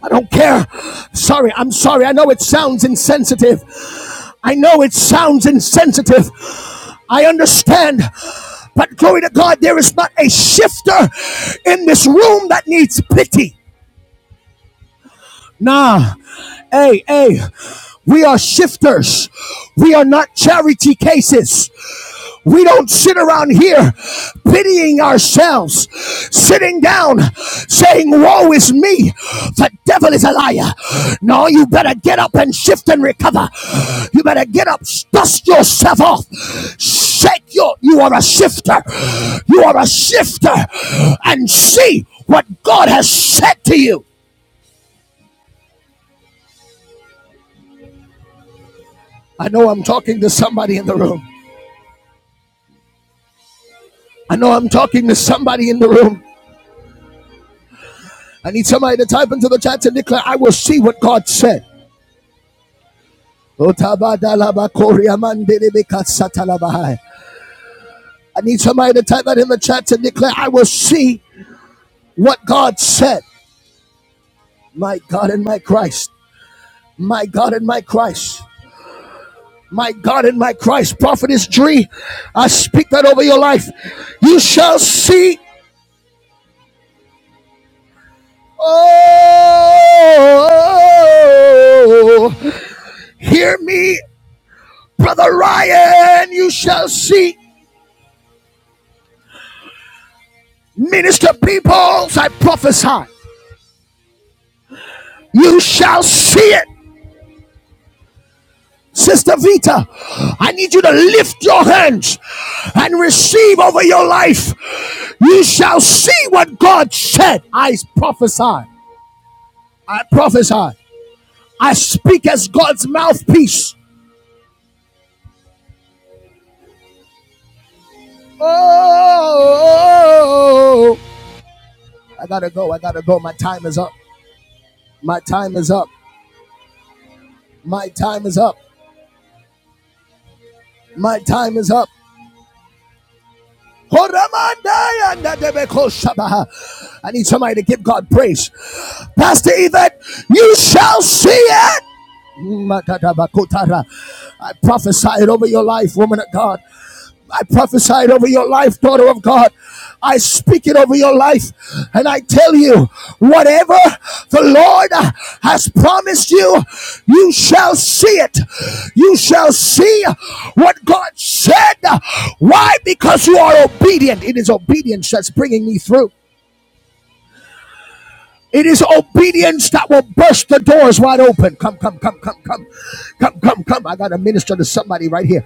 A: I don't care. Sorry, I'm sorry. I know it sounds insensitive. I know it sounds insensitive. I understand. But glory to God, there is not a shifter in this room that needs pity. Nah. Hey, hey. We are shifters. We are not charity cases. We don't sit around here pitying ourselves, sitting down saying, Woe is me. The devil is a liar. No, you better get up and shift and recover. You better get up, dust yourself off. Shake your, you are a shifter. You are a shifter. And see what God has said to you. I know I'm talking to somebody in the room. I know I'm talking to somebody in the room. I need somebody to type into the chat and declare, I will see what God said. I need somebody to type that in the chat and declare, I will see what God said. My God and my Christ. My God and my Christ. My God and my Christ. Prophetess Dree, I speak that over your life. You shall see. Oh, Hear me, Brother Ryan. You shall see. Minister Peoples, I prophesy. You shall see it. Sister Vita, I need you to lift your hands and receive over your life. You shall see what God said. I prophesy. I prophesy. I speak as God's mouthpiece. Oh, I gotta go. I gotta go. My time is up. My time is up. My time is up. My time is up. I need somebody to give God praise. Pastor Yvette, you shall see it. I prophesy it over your life, woman of God. I prophesied over your life, daughter of God. I speak it over your life. And I tell you, whatever the Lord has promised you, you shall see it. You shall see what God said. Why? Because you are obedient. It is obedience that's bringing me through. It is obedience that will burst the doors wide open. Come, come, come, come, come, come, come, come. I gotta minister to somebody right here.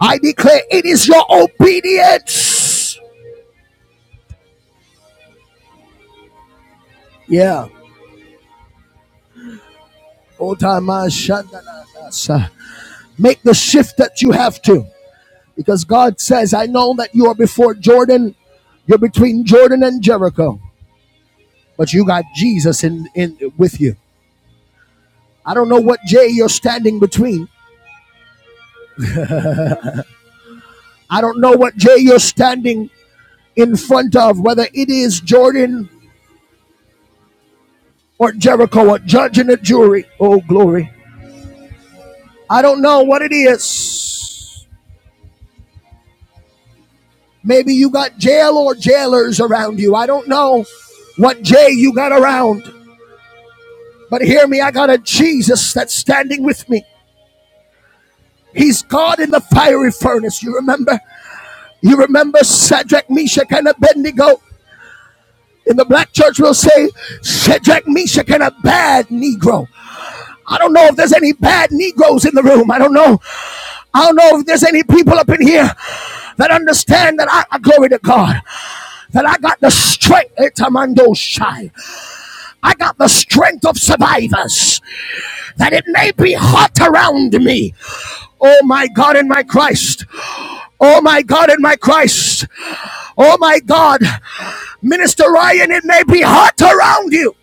A: I declare it is your obedience. Yeah. Make the shift that you have to. Because God says, I know that you are before Jordan, you're between Jordan and Jericho, but you got Jesus in, in with you. I don't know what J you're standing between. I don't know what J you're standing in front of, whether it is Jordan or Jericho, a judge and a jury. Oh, glory. I don't know what it is. Maybe you got jail or jailers around you. I don't know what J you got around, but hear me, I got a Jesus that's standing with me. He's God in the fiery furnace. You remember? You remember Shadrach, Meshach, and Abednego? In the black church, we'll say Shadrach, Meshach, and a bad Negro. I don't know if there's any bad Negroes in the room. I don't know. I don't know if there's any people up in here that understand that I, I- glory to God, that I got the strength. Etamando Shai. I got the strength of survivors. that it may be hot around me. Oh my God and my Christ. Oh my God and my Christ. Oh my God. Minister Ryan, it may be hot around you.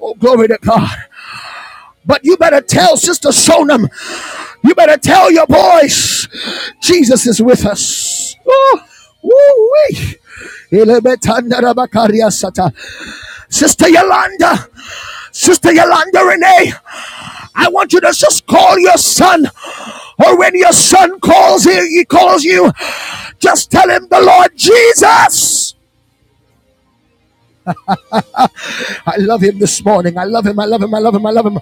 A: Oh, glory to God. But you better tell Sister Sonam, you better tell your boys, Jesus is with us. Oh, woo-wee. Sister Yolanda, Sister Yolanda Renee, I want you to just call your son, or when your son calls, he, he calls you, just tell him the Lord Jesus I love him this morning. I love him. I love him. I love him. I love him.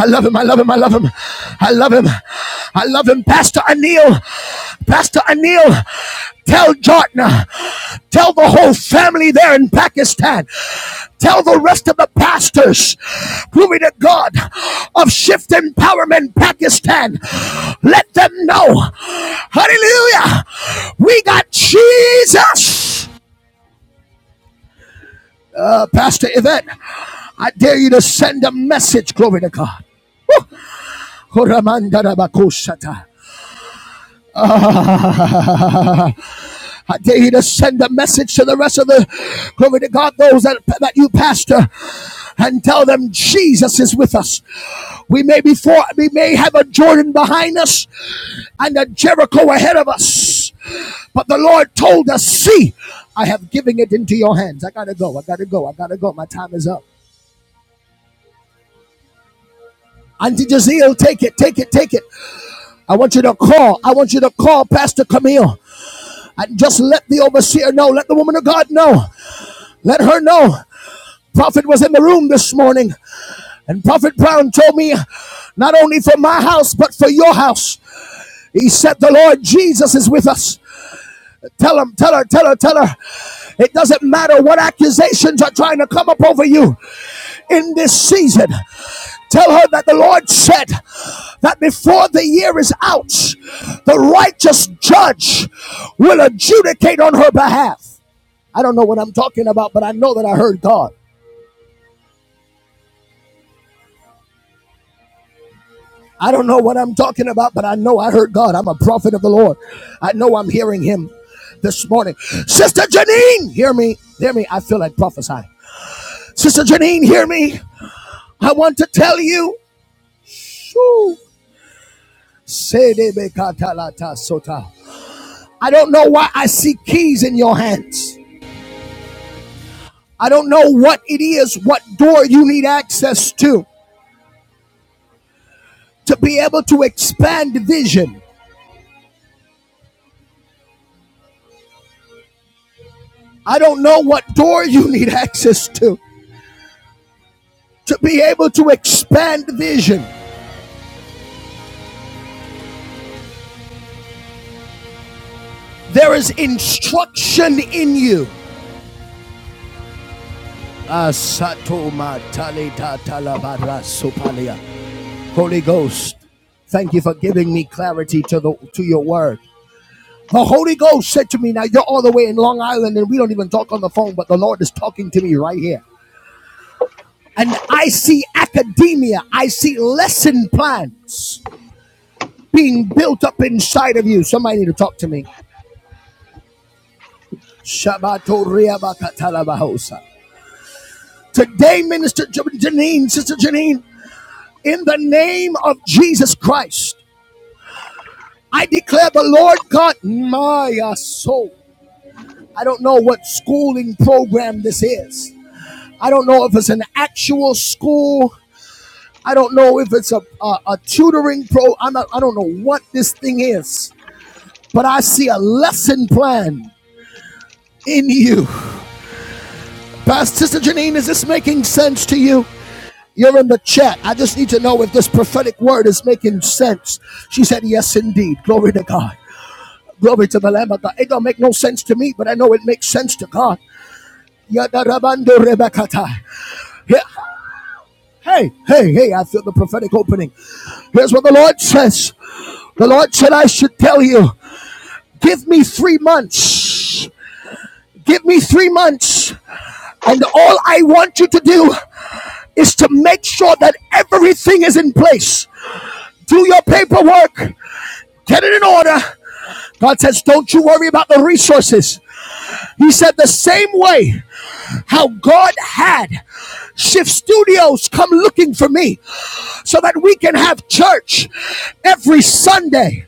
A: I love him. I love him. I love him. I love him. I love him. Pastor Anil. Pastor Anil. Tell Jotna. Tell the whole family there in Pakistan. Tell the rest of the pastors. Glory to God of Shift Empowerment Pakistan. Let them know. Hallelujah. We got Jesus. Uh, Pastor Yvette, I dare you to send a message, glory to God. Uh, I dare you to send a message to the rest of the glory to God, those that, that you pastor, and tell them Jesus is with us. We may be for, we may have a Jordan behind us and a Jericho ahead of us, but the Lord told us, "See, I have given it into your hands." I gotta go. I gotta go. I gotta go. My time is up. Auntie Jazeel, take it, take it, take it. I want you to call. I want you to call Pastor Camille and just let the overseer know. Let the woman of God know. Let her know. Prophet was in the room this morning, and Prophet Brown told me, not only for my house, but for your house. He said, The Lord Jesus is with us. Tell him, tell her, tell her, tell her. It doesn't matter what accusations are trying to come up over you. in this season. Tell her that the Lord said that before the year is out, the righteous judge will adjudicate on her behalf. I don't know what I'm talking about, but I know that I heard God. I don't know what I'm talking about, but I know I heard God. I'm a prophet of the Lord. I know I'm hearing Him this morning. Sister Janine, hear me. Hear me. I feel like prophesying. Sister Janine, hear me. I want to tell you. Shoo. I don't know why I see keys in your hands. I don't know what it is, what door you need access to to be able to expand vision. I don't know what door you need access to to be able to expand vision. There is instruction in you. Holy Ghost, thank you for giving me clarity to the to your word. The Holy Ghost said to me, Now you're all the way in Long Island and we don't even talk on the phone, but the Lord is talking to me right here. And I see academia, I see lesson plans being built up inside of you. Somebody need to talk to me. Shabato riabakatalabahosa. Today, Minister Ja- Janine, Sister Janine, in the name of Jesus Christ, I declare the Lord God, my soul. I don't know what schooling program this is. I don't know if it's an actual school. I don't know if it's a, a, a tutoring pro. I'm not, I don't know what this thing is, but I see a lesson plan in you. Pastor Sister Janine, is this making sense to you? You're in the chat. I just need to know if this prophetic word is making sense. She said, Yes, indeed. Glory to God. Glory to the Lamb of God. It don't make no sense to me, but I know it makes sense to God. Yadarabando Hey, hey, hey, I feel the prophetic opening. Here's what the Lord says The Lord said, I should tell you, give me three months. Give me three months. And all I want you to do is to make sure that everything is in place. Do your paperwork, get it in order. God says, don't you worry about the resources. He said, the same way how God had Shift Studios come looking for me. so that we can have church every Sunday.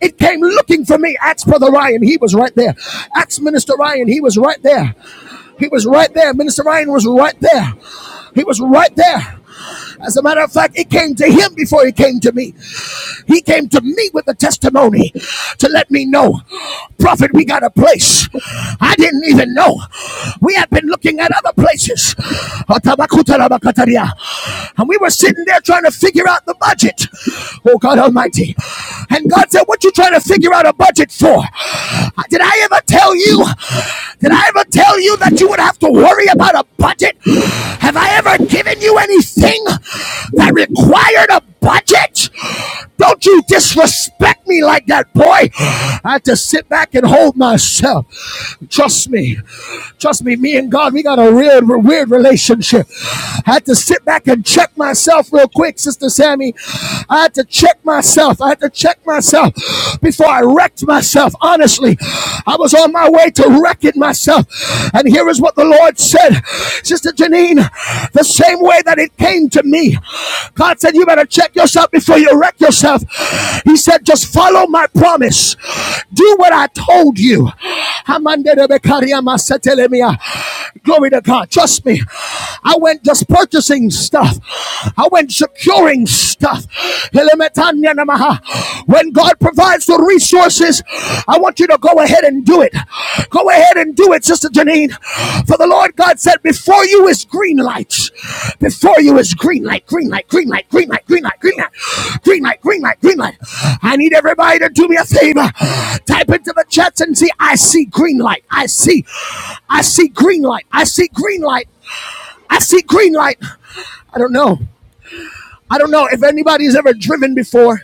A: It came looking for me. Ask Brother Ryan. He was right there. Ask Minister Ryan. He was right there. He was right there. Minister Ryan was right there. He was right there. As a matter of fact, it came to him before it came to me. He came to me with a testimony to let me know, prophet, we got a place. I didn't even know. We had been looking at other places. And we were sitting there trying to figure out the budget. Oh God Almighty. And God said, What you trying to figure out a budget for? Did I ever tell you? Did I ever tell you that you would have to worry about a budget? Have I ever given you anything that required a budget? Don't you disrespect me like that, boy. I had to sit back and hold myself. Trust me. Trust me, me and God, we got a real weird relationship. I had to sit back and check myself real quick, Sister Sammy. I had to check myself. I had to check myself before I wrecked myself. Honestly, I was on my way to wreck it myself. And here is what the Lord said Sister Janine, the same way that it came to me, God said, You better check yourself before you wreck yourself. He said, Just follow my promise, do what I told you. Glory to God. Trust me. I went just purchasing stuff. I went securing stuff. When God provides the resources, I want you to go ahead and do it. Go ahead and do it, Sister Janine. For the Lord God said that before you is green light. Before you is green light, green light, green light, green light, green light, green light, green light, green light, green light. I need everybody to do me a favor. Type into the chats and see I see green light. I see, I see green light. I see green light. I see green light. I don't know. I don't know if anybody's ever driven before.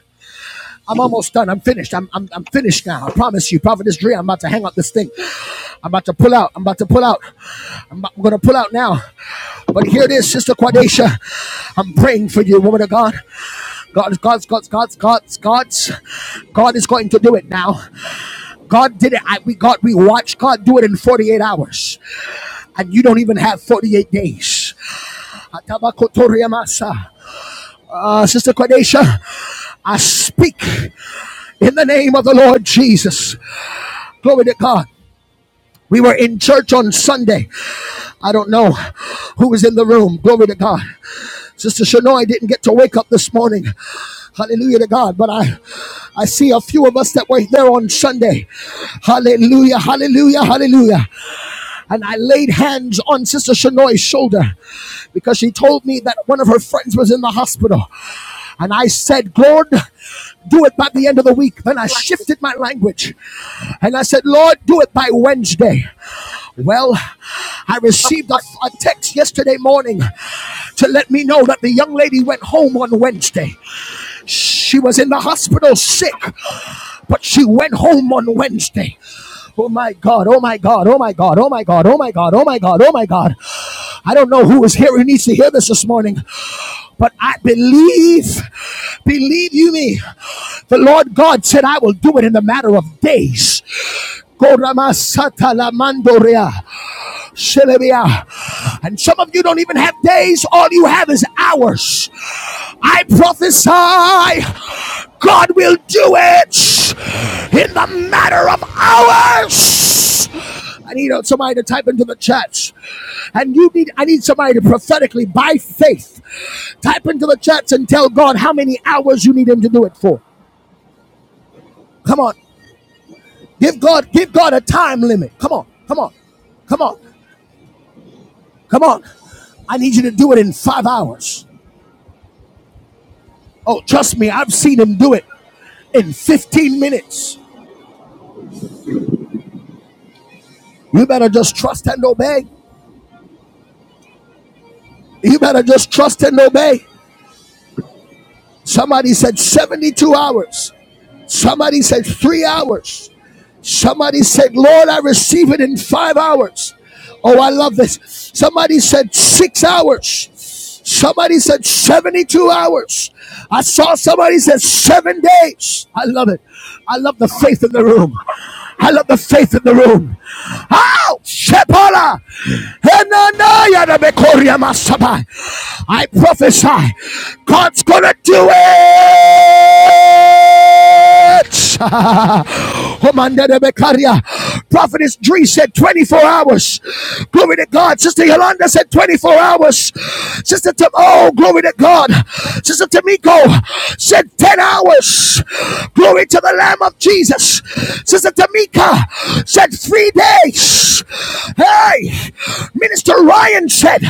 A: I'm almost done. I'm finished. I'm, I'm, I'm finished now. I promise you, Prophet Dre, I'm about to hang up this thing. I'm about to pull out. I'm about to pull out. I'm, I'm going to pull out now. But here it is, Sister Quadacia. I'm praying for you, woman of God. God, God's, God's, God's, God's, God's, God is going to do it now. God did it. I, we God, we watched God do it in 48 hours, and you don't even have 48 days. Uh, Sister Quadacia, I speak in the name of the Lord Jesus. Glory to God. We were in church on Sunday. I don't know who was in the room. Glory to God. Sister Shanoy didn't get to wake up this morning. Hallelujah to God. But I I see a few of us that were there on Sunday. Hallelujah. Hallelujah. Hallelujah and I laid hands on Sister Shanoy's shoulder because she told me that one of her friends was in the hospital. And I said, Lord, do it by the end of the week. Then I shifted my language and I said, Lord, do it by Wednesday. Well, I received a, a text yesterday morning to let me know that the young lady went home on Wednesday. She was in the hospital sick but she went home on Wednesday. Oh my God, oh my God, oh my God, oh my God, oh my God, oh my God, oh my God. I don't know who is here who needs to hear this this morning, but I believe, believe you me, the Lord God said, I will do it in the matter of days. Koramasatalamandorea. Shilabia. And some of you don't even have days, all you have is hours. I prophesy God will do it in the matter of hours. I need somebody to type into the chats. And you need I need somebody to prophetically by faith type into the chats and tell God how many hours you need him to do it for. Come on. Give God give God a time limit. Come on. Come on. Come on. Come on. I need you to do it in five hours. Oh, trust me, I've seen him do it in 15 minutes. You better just trust and obey. You better just trust and obey. Somebody said 72 hours. Somebody said three hours. Somebody said, Lord, I receive it in five hours. Oh, I love this. Somebody said six hours. Somebody said 72 hours. I saw somebody said seven days. I love it. I love the faith in the room. I love the faith in the room. Ow! Shepola! I prophesy God's gonna do it church. Prophetess Dree said 24 hours. Glory to God. Sister Yolanda said 24 hours. Sister Tam, oh, glory to God. Sister Tamiko said 10 hours. Glory to the Lamb of Jesus. Sister Tamika said three days. Hey, Minister Ryan said,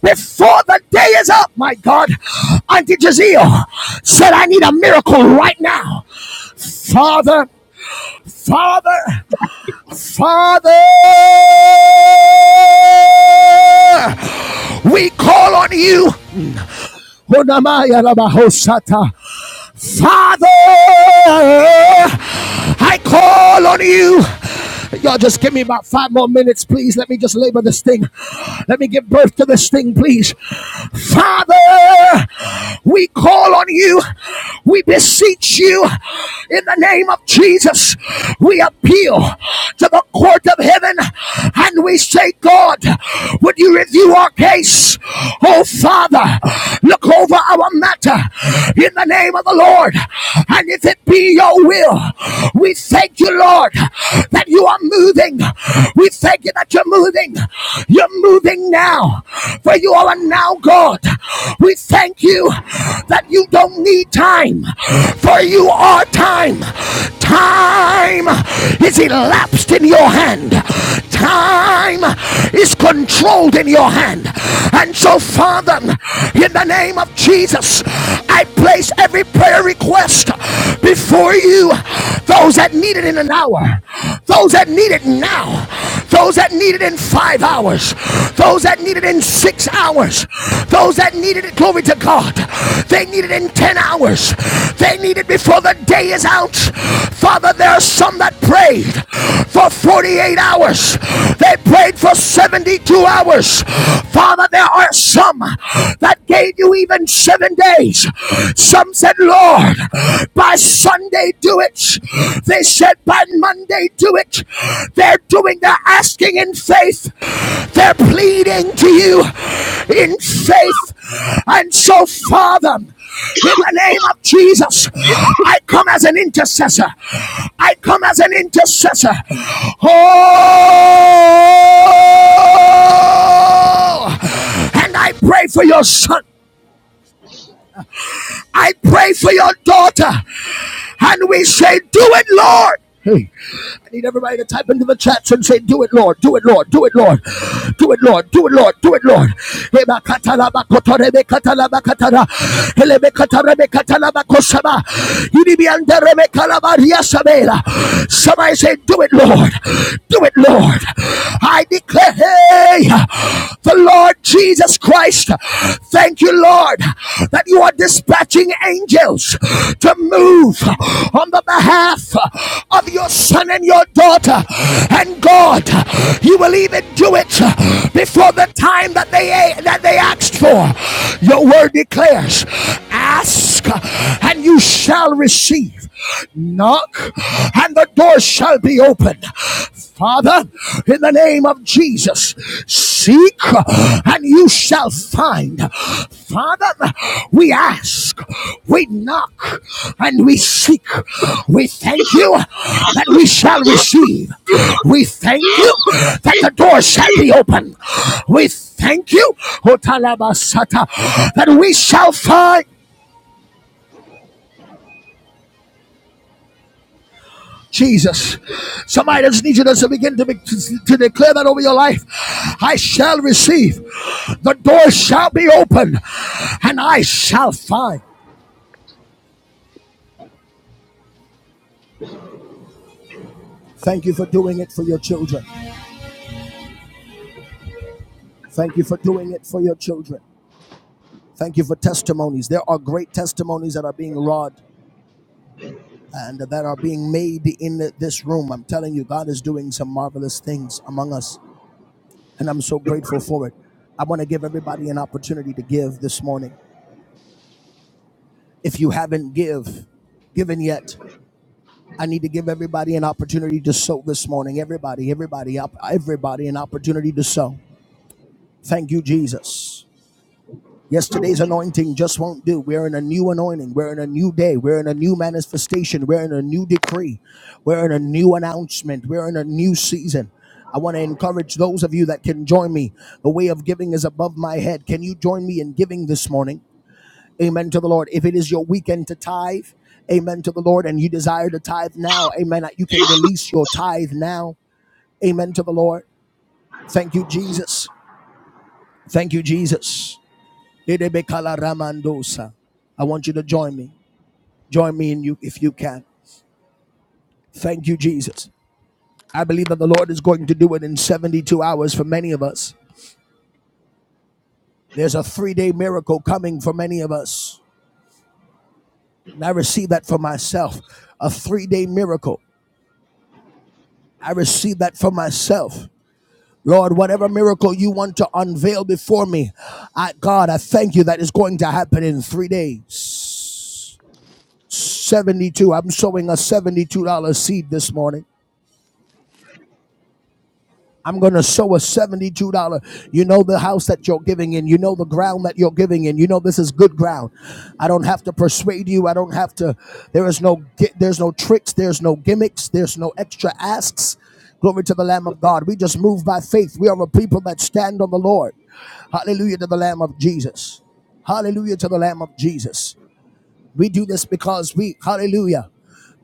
A: before the day is up, my God, Auntie Jazeel said, I need a miracle right now. Father, Father, Father, we call on you. Father, I call on you. Y'all just give me about five more minutes, please. Let me just labor this thing. Let me give birth to this thing, please. Father, we call on you. We beseech you in the name of Jesus. We appeal to the court of heaven and we say, God, would you review our case? Oh, Father, look over our matter in the name of the Lord. And if it be your will, we thank you, Lord, that you are moving. We thank you that you're moving. You're moving now, for you are now God. We thank you that you don't need time, for you are time. Time is elapsed in your hand. Time is controlled in your hand. And so, Father, in the name of Jesus, I place every prayer request before you. Those that need it in an hour, those that need it now, those that need it in five hours, those that need it in six hours, those that needed it, glory to God, they need it in 10 hours. They need it before the day is out. Father, there are some that prayed for 48 hours. They prayed for 72 hours. Father, there are some that gave you even seven days. Some said, Lord, by Sunday do it. They said, by Monday do it. They're doing their asking in faith. They're pleading to you in faith. And so, Father, in the name of Jesus, I come as an intercessor. I come as an intercessor. Oh, and I pray for your son. I pray for your daughter. And we say, Do it, Lord. Hey, I need everybody to type into the chats and say, Do it, Lord, do it, Lord, do it, Lord, do it, Lord, do it, Lord, do it, Lord. Eba katala ba kotore be katala ba katara. Hele be katara be Somebody say, Do it, Lord, do it, Lord. I declare, hey, the Lord Jesus Christ. Thank you, Lord, that you are dispatching angels to move on the behalf of your son and your daughter. And God, you will even do it before the time that they that they asked for. Your word declares, ask ask and you shall receive. Knock and the door shall be opened. Father, in the name of Jesus, seek and you shall find. Father, we ask, we knock, and we seek. We thank you that we shall receive. We thank you that the door shall be open. We thank you, O Talabasata, that we shall find. Jesus. Somebody just needs you to begin to, be, to, to declare that over your life. I shall receive. The door shall be open and I shall find. Thank you for doing it for your children. Thank you for doing it for your children. Thank you for testimonies. There are great testimonies that are being wrought and that are being made in this room. I'm telling you, God is doing some marvelous things among us, and I'm so grateful for it. I want to give everybody an opportunity to give this morning. If you haven't give, given yet, I need to give everybody an opportunity to sow this morning. Everybody, everybody, up, everybody, an opportunity to sow. Thank you, Jesus. Yesterday's anointing just won't do. We're in a new anointing. We're in a new day. We're in a new manifestation. We're in a new decree. We're in a new announcement. We're in a new season. I want to encourage those of you that can join me. The way of giving is above my head. Can you join me in giving this morning? Amen to the Lord. If it is your weekend to tithe, amen to the Lord, and you desire to tithe now, amen, you can release your tithe now. Amen to the Lord. Thank you, Jesus. Thank you, Jesus. I want you to join me. Join me in you if you can. Thank you, Jesus. I believe that the Lord is going to do it in 72 hours for many of us. There's a three day miracle coming for many of us. And I receive that for myself. A three day miracle. I receive that for myself. Lord, whatever miracle you want to unveil before me, I, God, I thank you that it's going to happen in three days. 72. I'm sowing a $72 seed this morning. I'm going to sow a $72. You know the house that you're giving in. You know the ground that you're giving in. You know this is good ground. I don't have to persuade you. I don't have to. There is no there's no tricks. There's no gimmicks. There's no extra asks. Glory to the Lamb of God. We just move by faith. We are a people that stand on the Lord. Hallelujah to the Lamb of Jesus. Hallelujah to the Lamb of Jesus. We do this because we hallelujah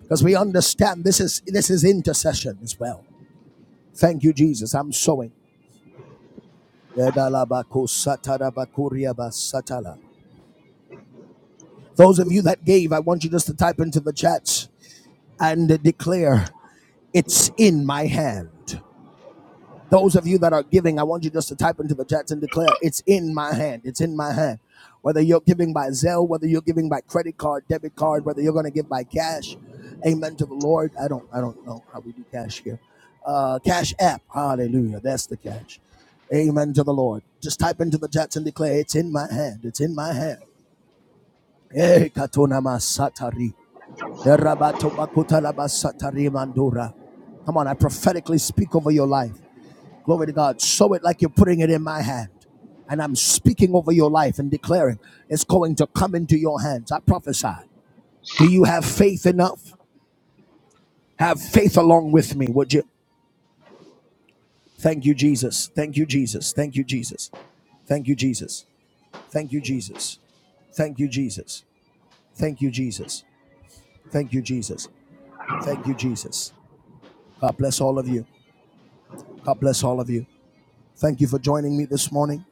A: because we understand this is this is intercession as well. Thank you, Jesus. I'm sowing. Those of you that gave, I want you just to type into the chat and declare, It's in my hand. Those of you that are giving, I want you just to type into the chats and declare, it's in my hand. It's in my hand. Whether you're giving by Zelle, whether you're giving by credit card, debit card, whether you're going to give by cash, amen to the Lord. I don't, I don't know how we do cash here. Uh, cash app. Hallelujah. That's the cash. Amen to the Lord. Just type into the chats and declare, it's in my hand. It's in my hand. Hey, katona masatari. Erabato bakutala basatari Come on, I prophetically speak over your life. Glory to God. Sow it like you're putting it in my hand. And I'm speaking over your life and declaring it's going to come into your hands. I prophesy. Do you have faith enough? Have faith along with me, would you? Thank you, Jesus. Thank you, Jesus. Thank you, Jesus. Thank you, Jesus. Thank you, Jesus. Thank you, Jesus. Thank you, Jesus. Thank you, Jesus. Thank you, Jesus. God bless all of you. God bless all of you. Thank you for joining me this morning.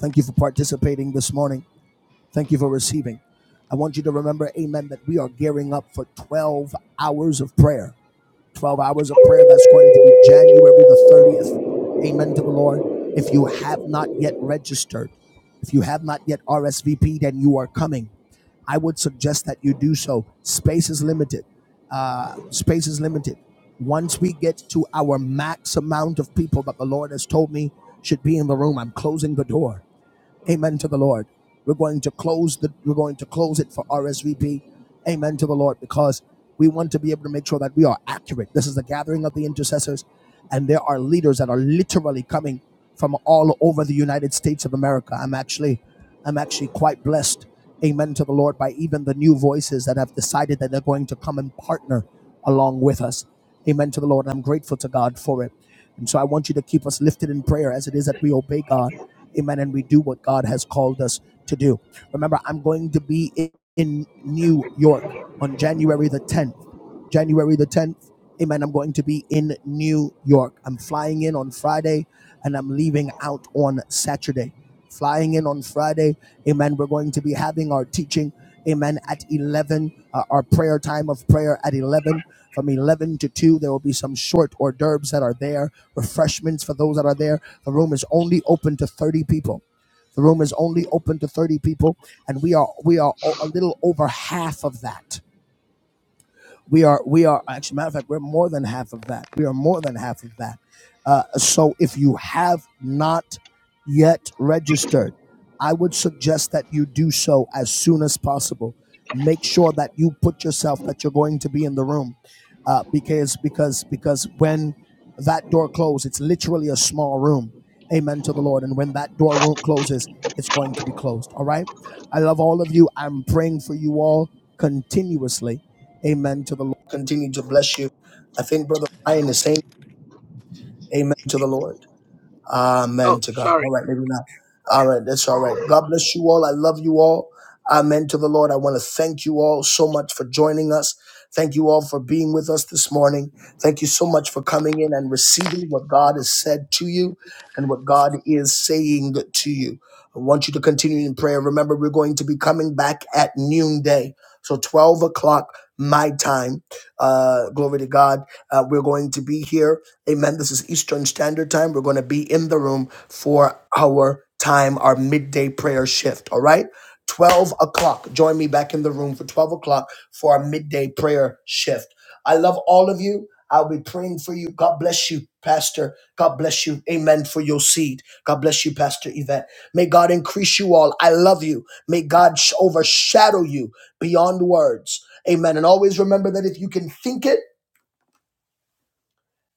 A: Thank you for participating this morning. Thank you for receiving. I want you to remember, amen, that we are gearing up for 12 hours of prayer. 12 hours of prayer. That's going to be January the 30th. Amen to the Lord. If you have not yet registered, if you have not yet RSVP'd and you are coming, I would suggest that you do so. Space is limited. Uh, space is limited. Once we get to our max amount of people that the Lord has told me should be in the room, I'm closing the door. Amen to the Lord. We're going to close the we're going to close it for RSVP. Amen to the Lord because we want to be able to make sure that we are accurate. This is the gathering of the intercessors and there are leaders that are literally coming from all over the United States of America. I'm actually I'm actually quite blessed. Amen to the Lord by even the new voices that have decided that they're going to come and partner along with us. Amen to the Lord. I'm grateful to God for it. And so I want you to keep us lifted in prayer as it is that we obey God Amen. And we do what God has called us to do. Remember, I'm going to be in in New York on January the 10th. January the 10th. Amen. I'm going to be in New York. I'm flying in on Friday and I'm leaving out on Saturday. Flying in on Friday. Amen. We're going to be having our teaching. Amen. At 11, uh, our prayer time of prayer at 11. From 11 to 2, there will be some short hors d'oeuvres that are there, refreshments for those that are there. The room is only open to 30 people. The room is only open to 30 people, and we are we are o- a little over half of that we are we are actually matter of fact we're more than half of that. We are more than half of that. Uh, so if you have not yet registered, I would suggest that you do so as soon as possible. Make sure that you put yourself that you're going to be in the room, uh, because because because when that door closes, it's literally a small room. Amen to the Lord. And when that door room closes, it's going to be closed. All right. I love all of you. I'm praying for you all continuously Amen to the Lord. Continue to bless you. I think Brother Ryan is saying amen to the Lord. Amen
B: Oh,
A: to God.
B: sorry.
A: All right, maybe not. All right, that's all right. God bless you all. I love you all. Amen to the Lord. I want to thank you all so much for joining us. Thank you all for being with us this morning. Thank you so much for coming in and receiving what God has said to you and what God is saying to you. I want you to continue in prayer. Remember, we're going to be coming back at noonday. So 12 o'clock my time. Uh, glory to God. Uh, we're going to be here. Amen. This is Eastern Standard Time. We're going to be in the room for our time, our midday prayer shift. All right. 12 o'clock. Join me back in the room for 12 o'clock for our midday prayer shift. I love all of you. I'll be praying for you. God bless you, Pastor. God bless you. Amen for your seed. God bless you, Pastor Yvette. May God increase you all. I love you. May God sh- overshadow you beyond words. Amen. And always remember that if you can think it,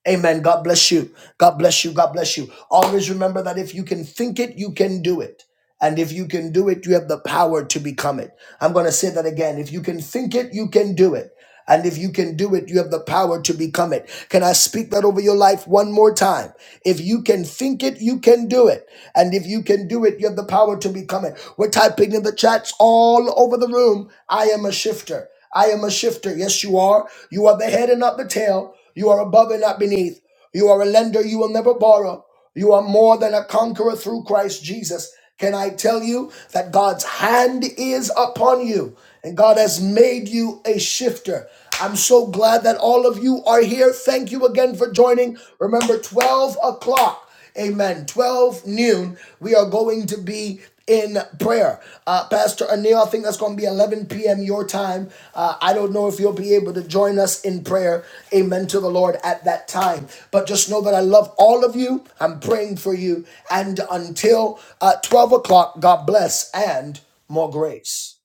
A: Amen. God bless you. God bless you. God bless you. Always remember that if you can think it, you can do it. And if you can do it, you have the power to become it. I'm going to say that again. If you can think it, you can do it. And if you can do it, you have the power to become it. Can I speak that over your life one more time? If you can think it, you can do it. And if you can do it, you have the power to become it. We're typing in the chats all over the room. I am a shifter. I am a shifter. Yes, you are. You are the head and not the tail. You are above and not beneath. You are a lender. You will never borrow. You are more than a conqueror through Christ Jesus. Can I tell you that God's hand is upon you and God has made you a shifter? I'm so glad that all of you are here. Thank you again for joining. Remember, 12 o'clock. Amen. 12 noon, we are going to be in prayer. Uh, Pastor Anil, I think that's going to be 11 p.m. your time. Uh, I don't know if you'll be able to join us in prayer. Amen to the Lord at that time. But just know that I love all of you. I'm praying for you. And until uh, 12 o'clock, God bless and more grace.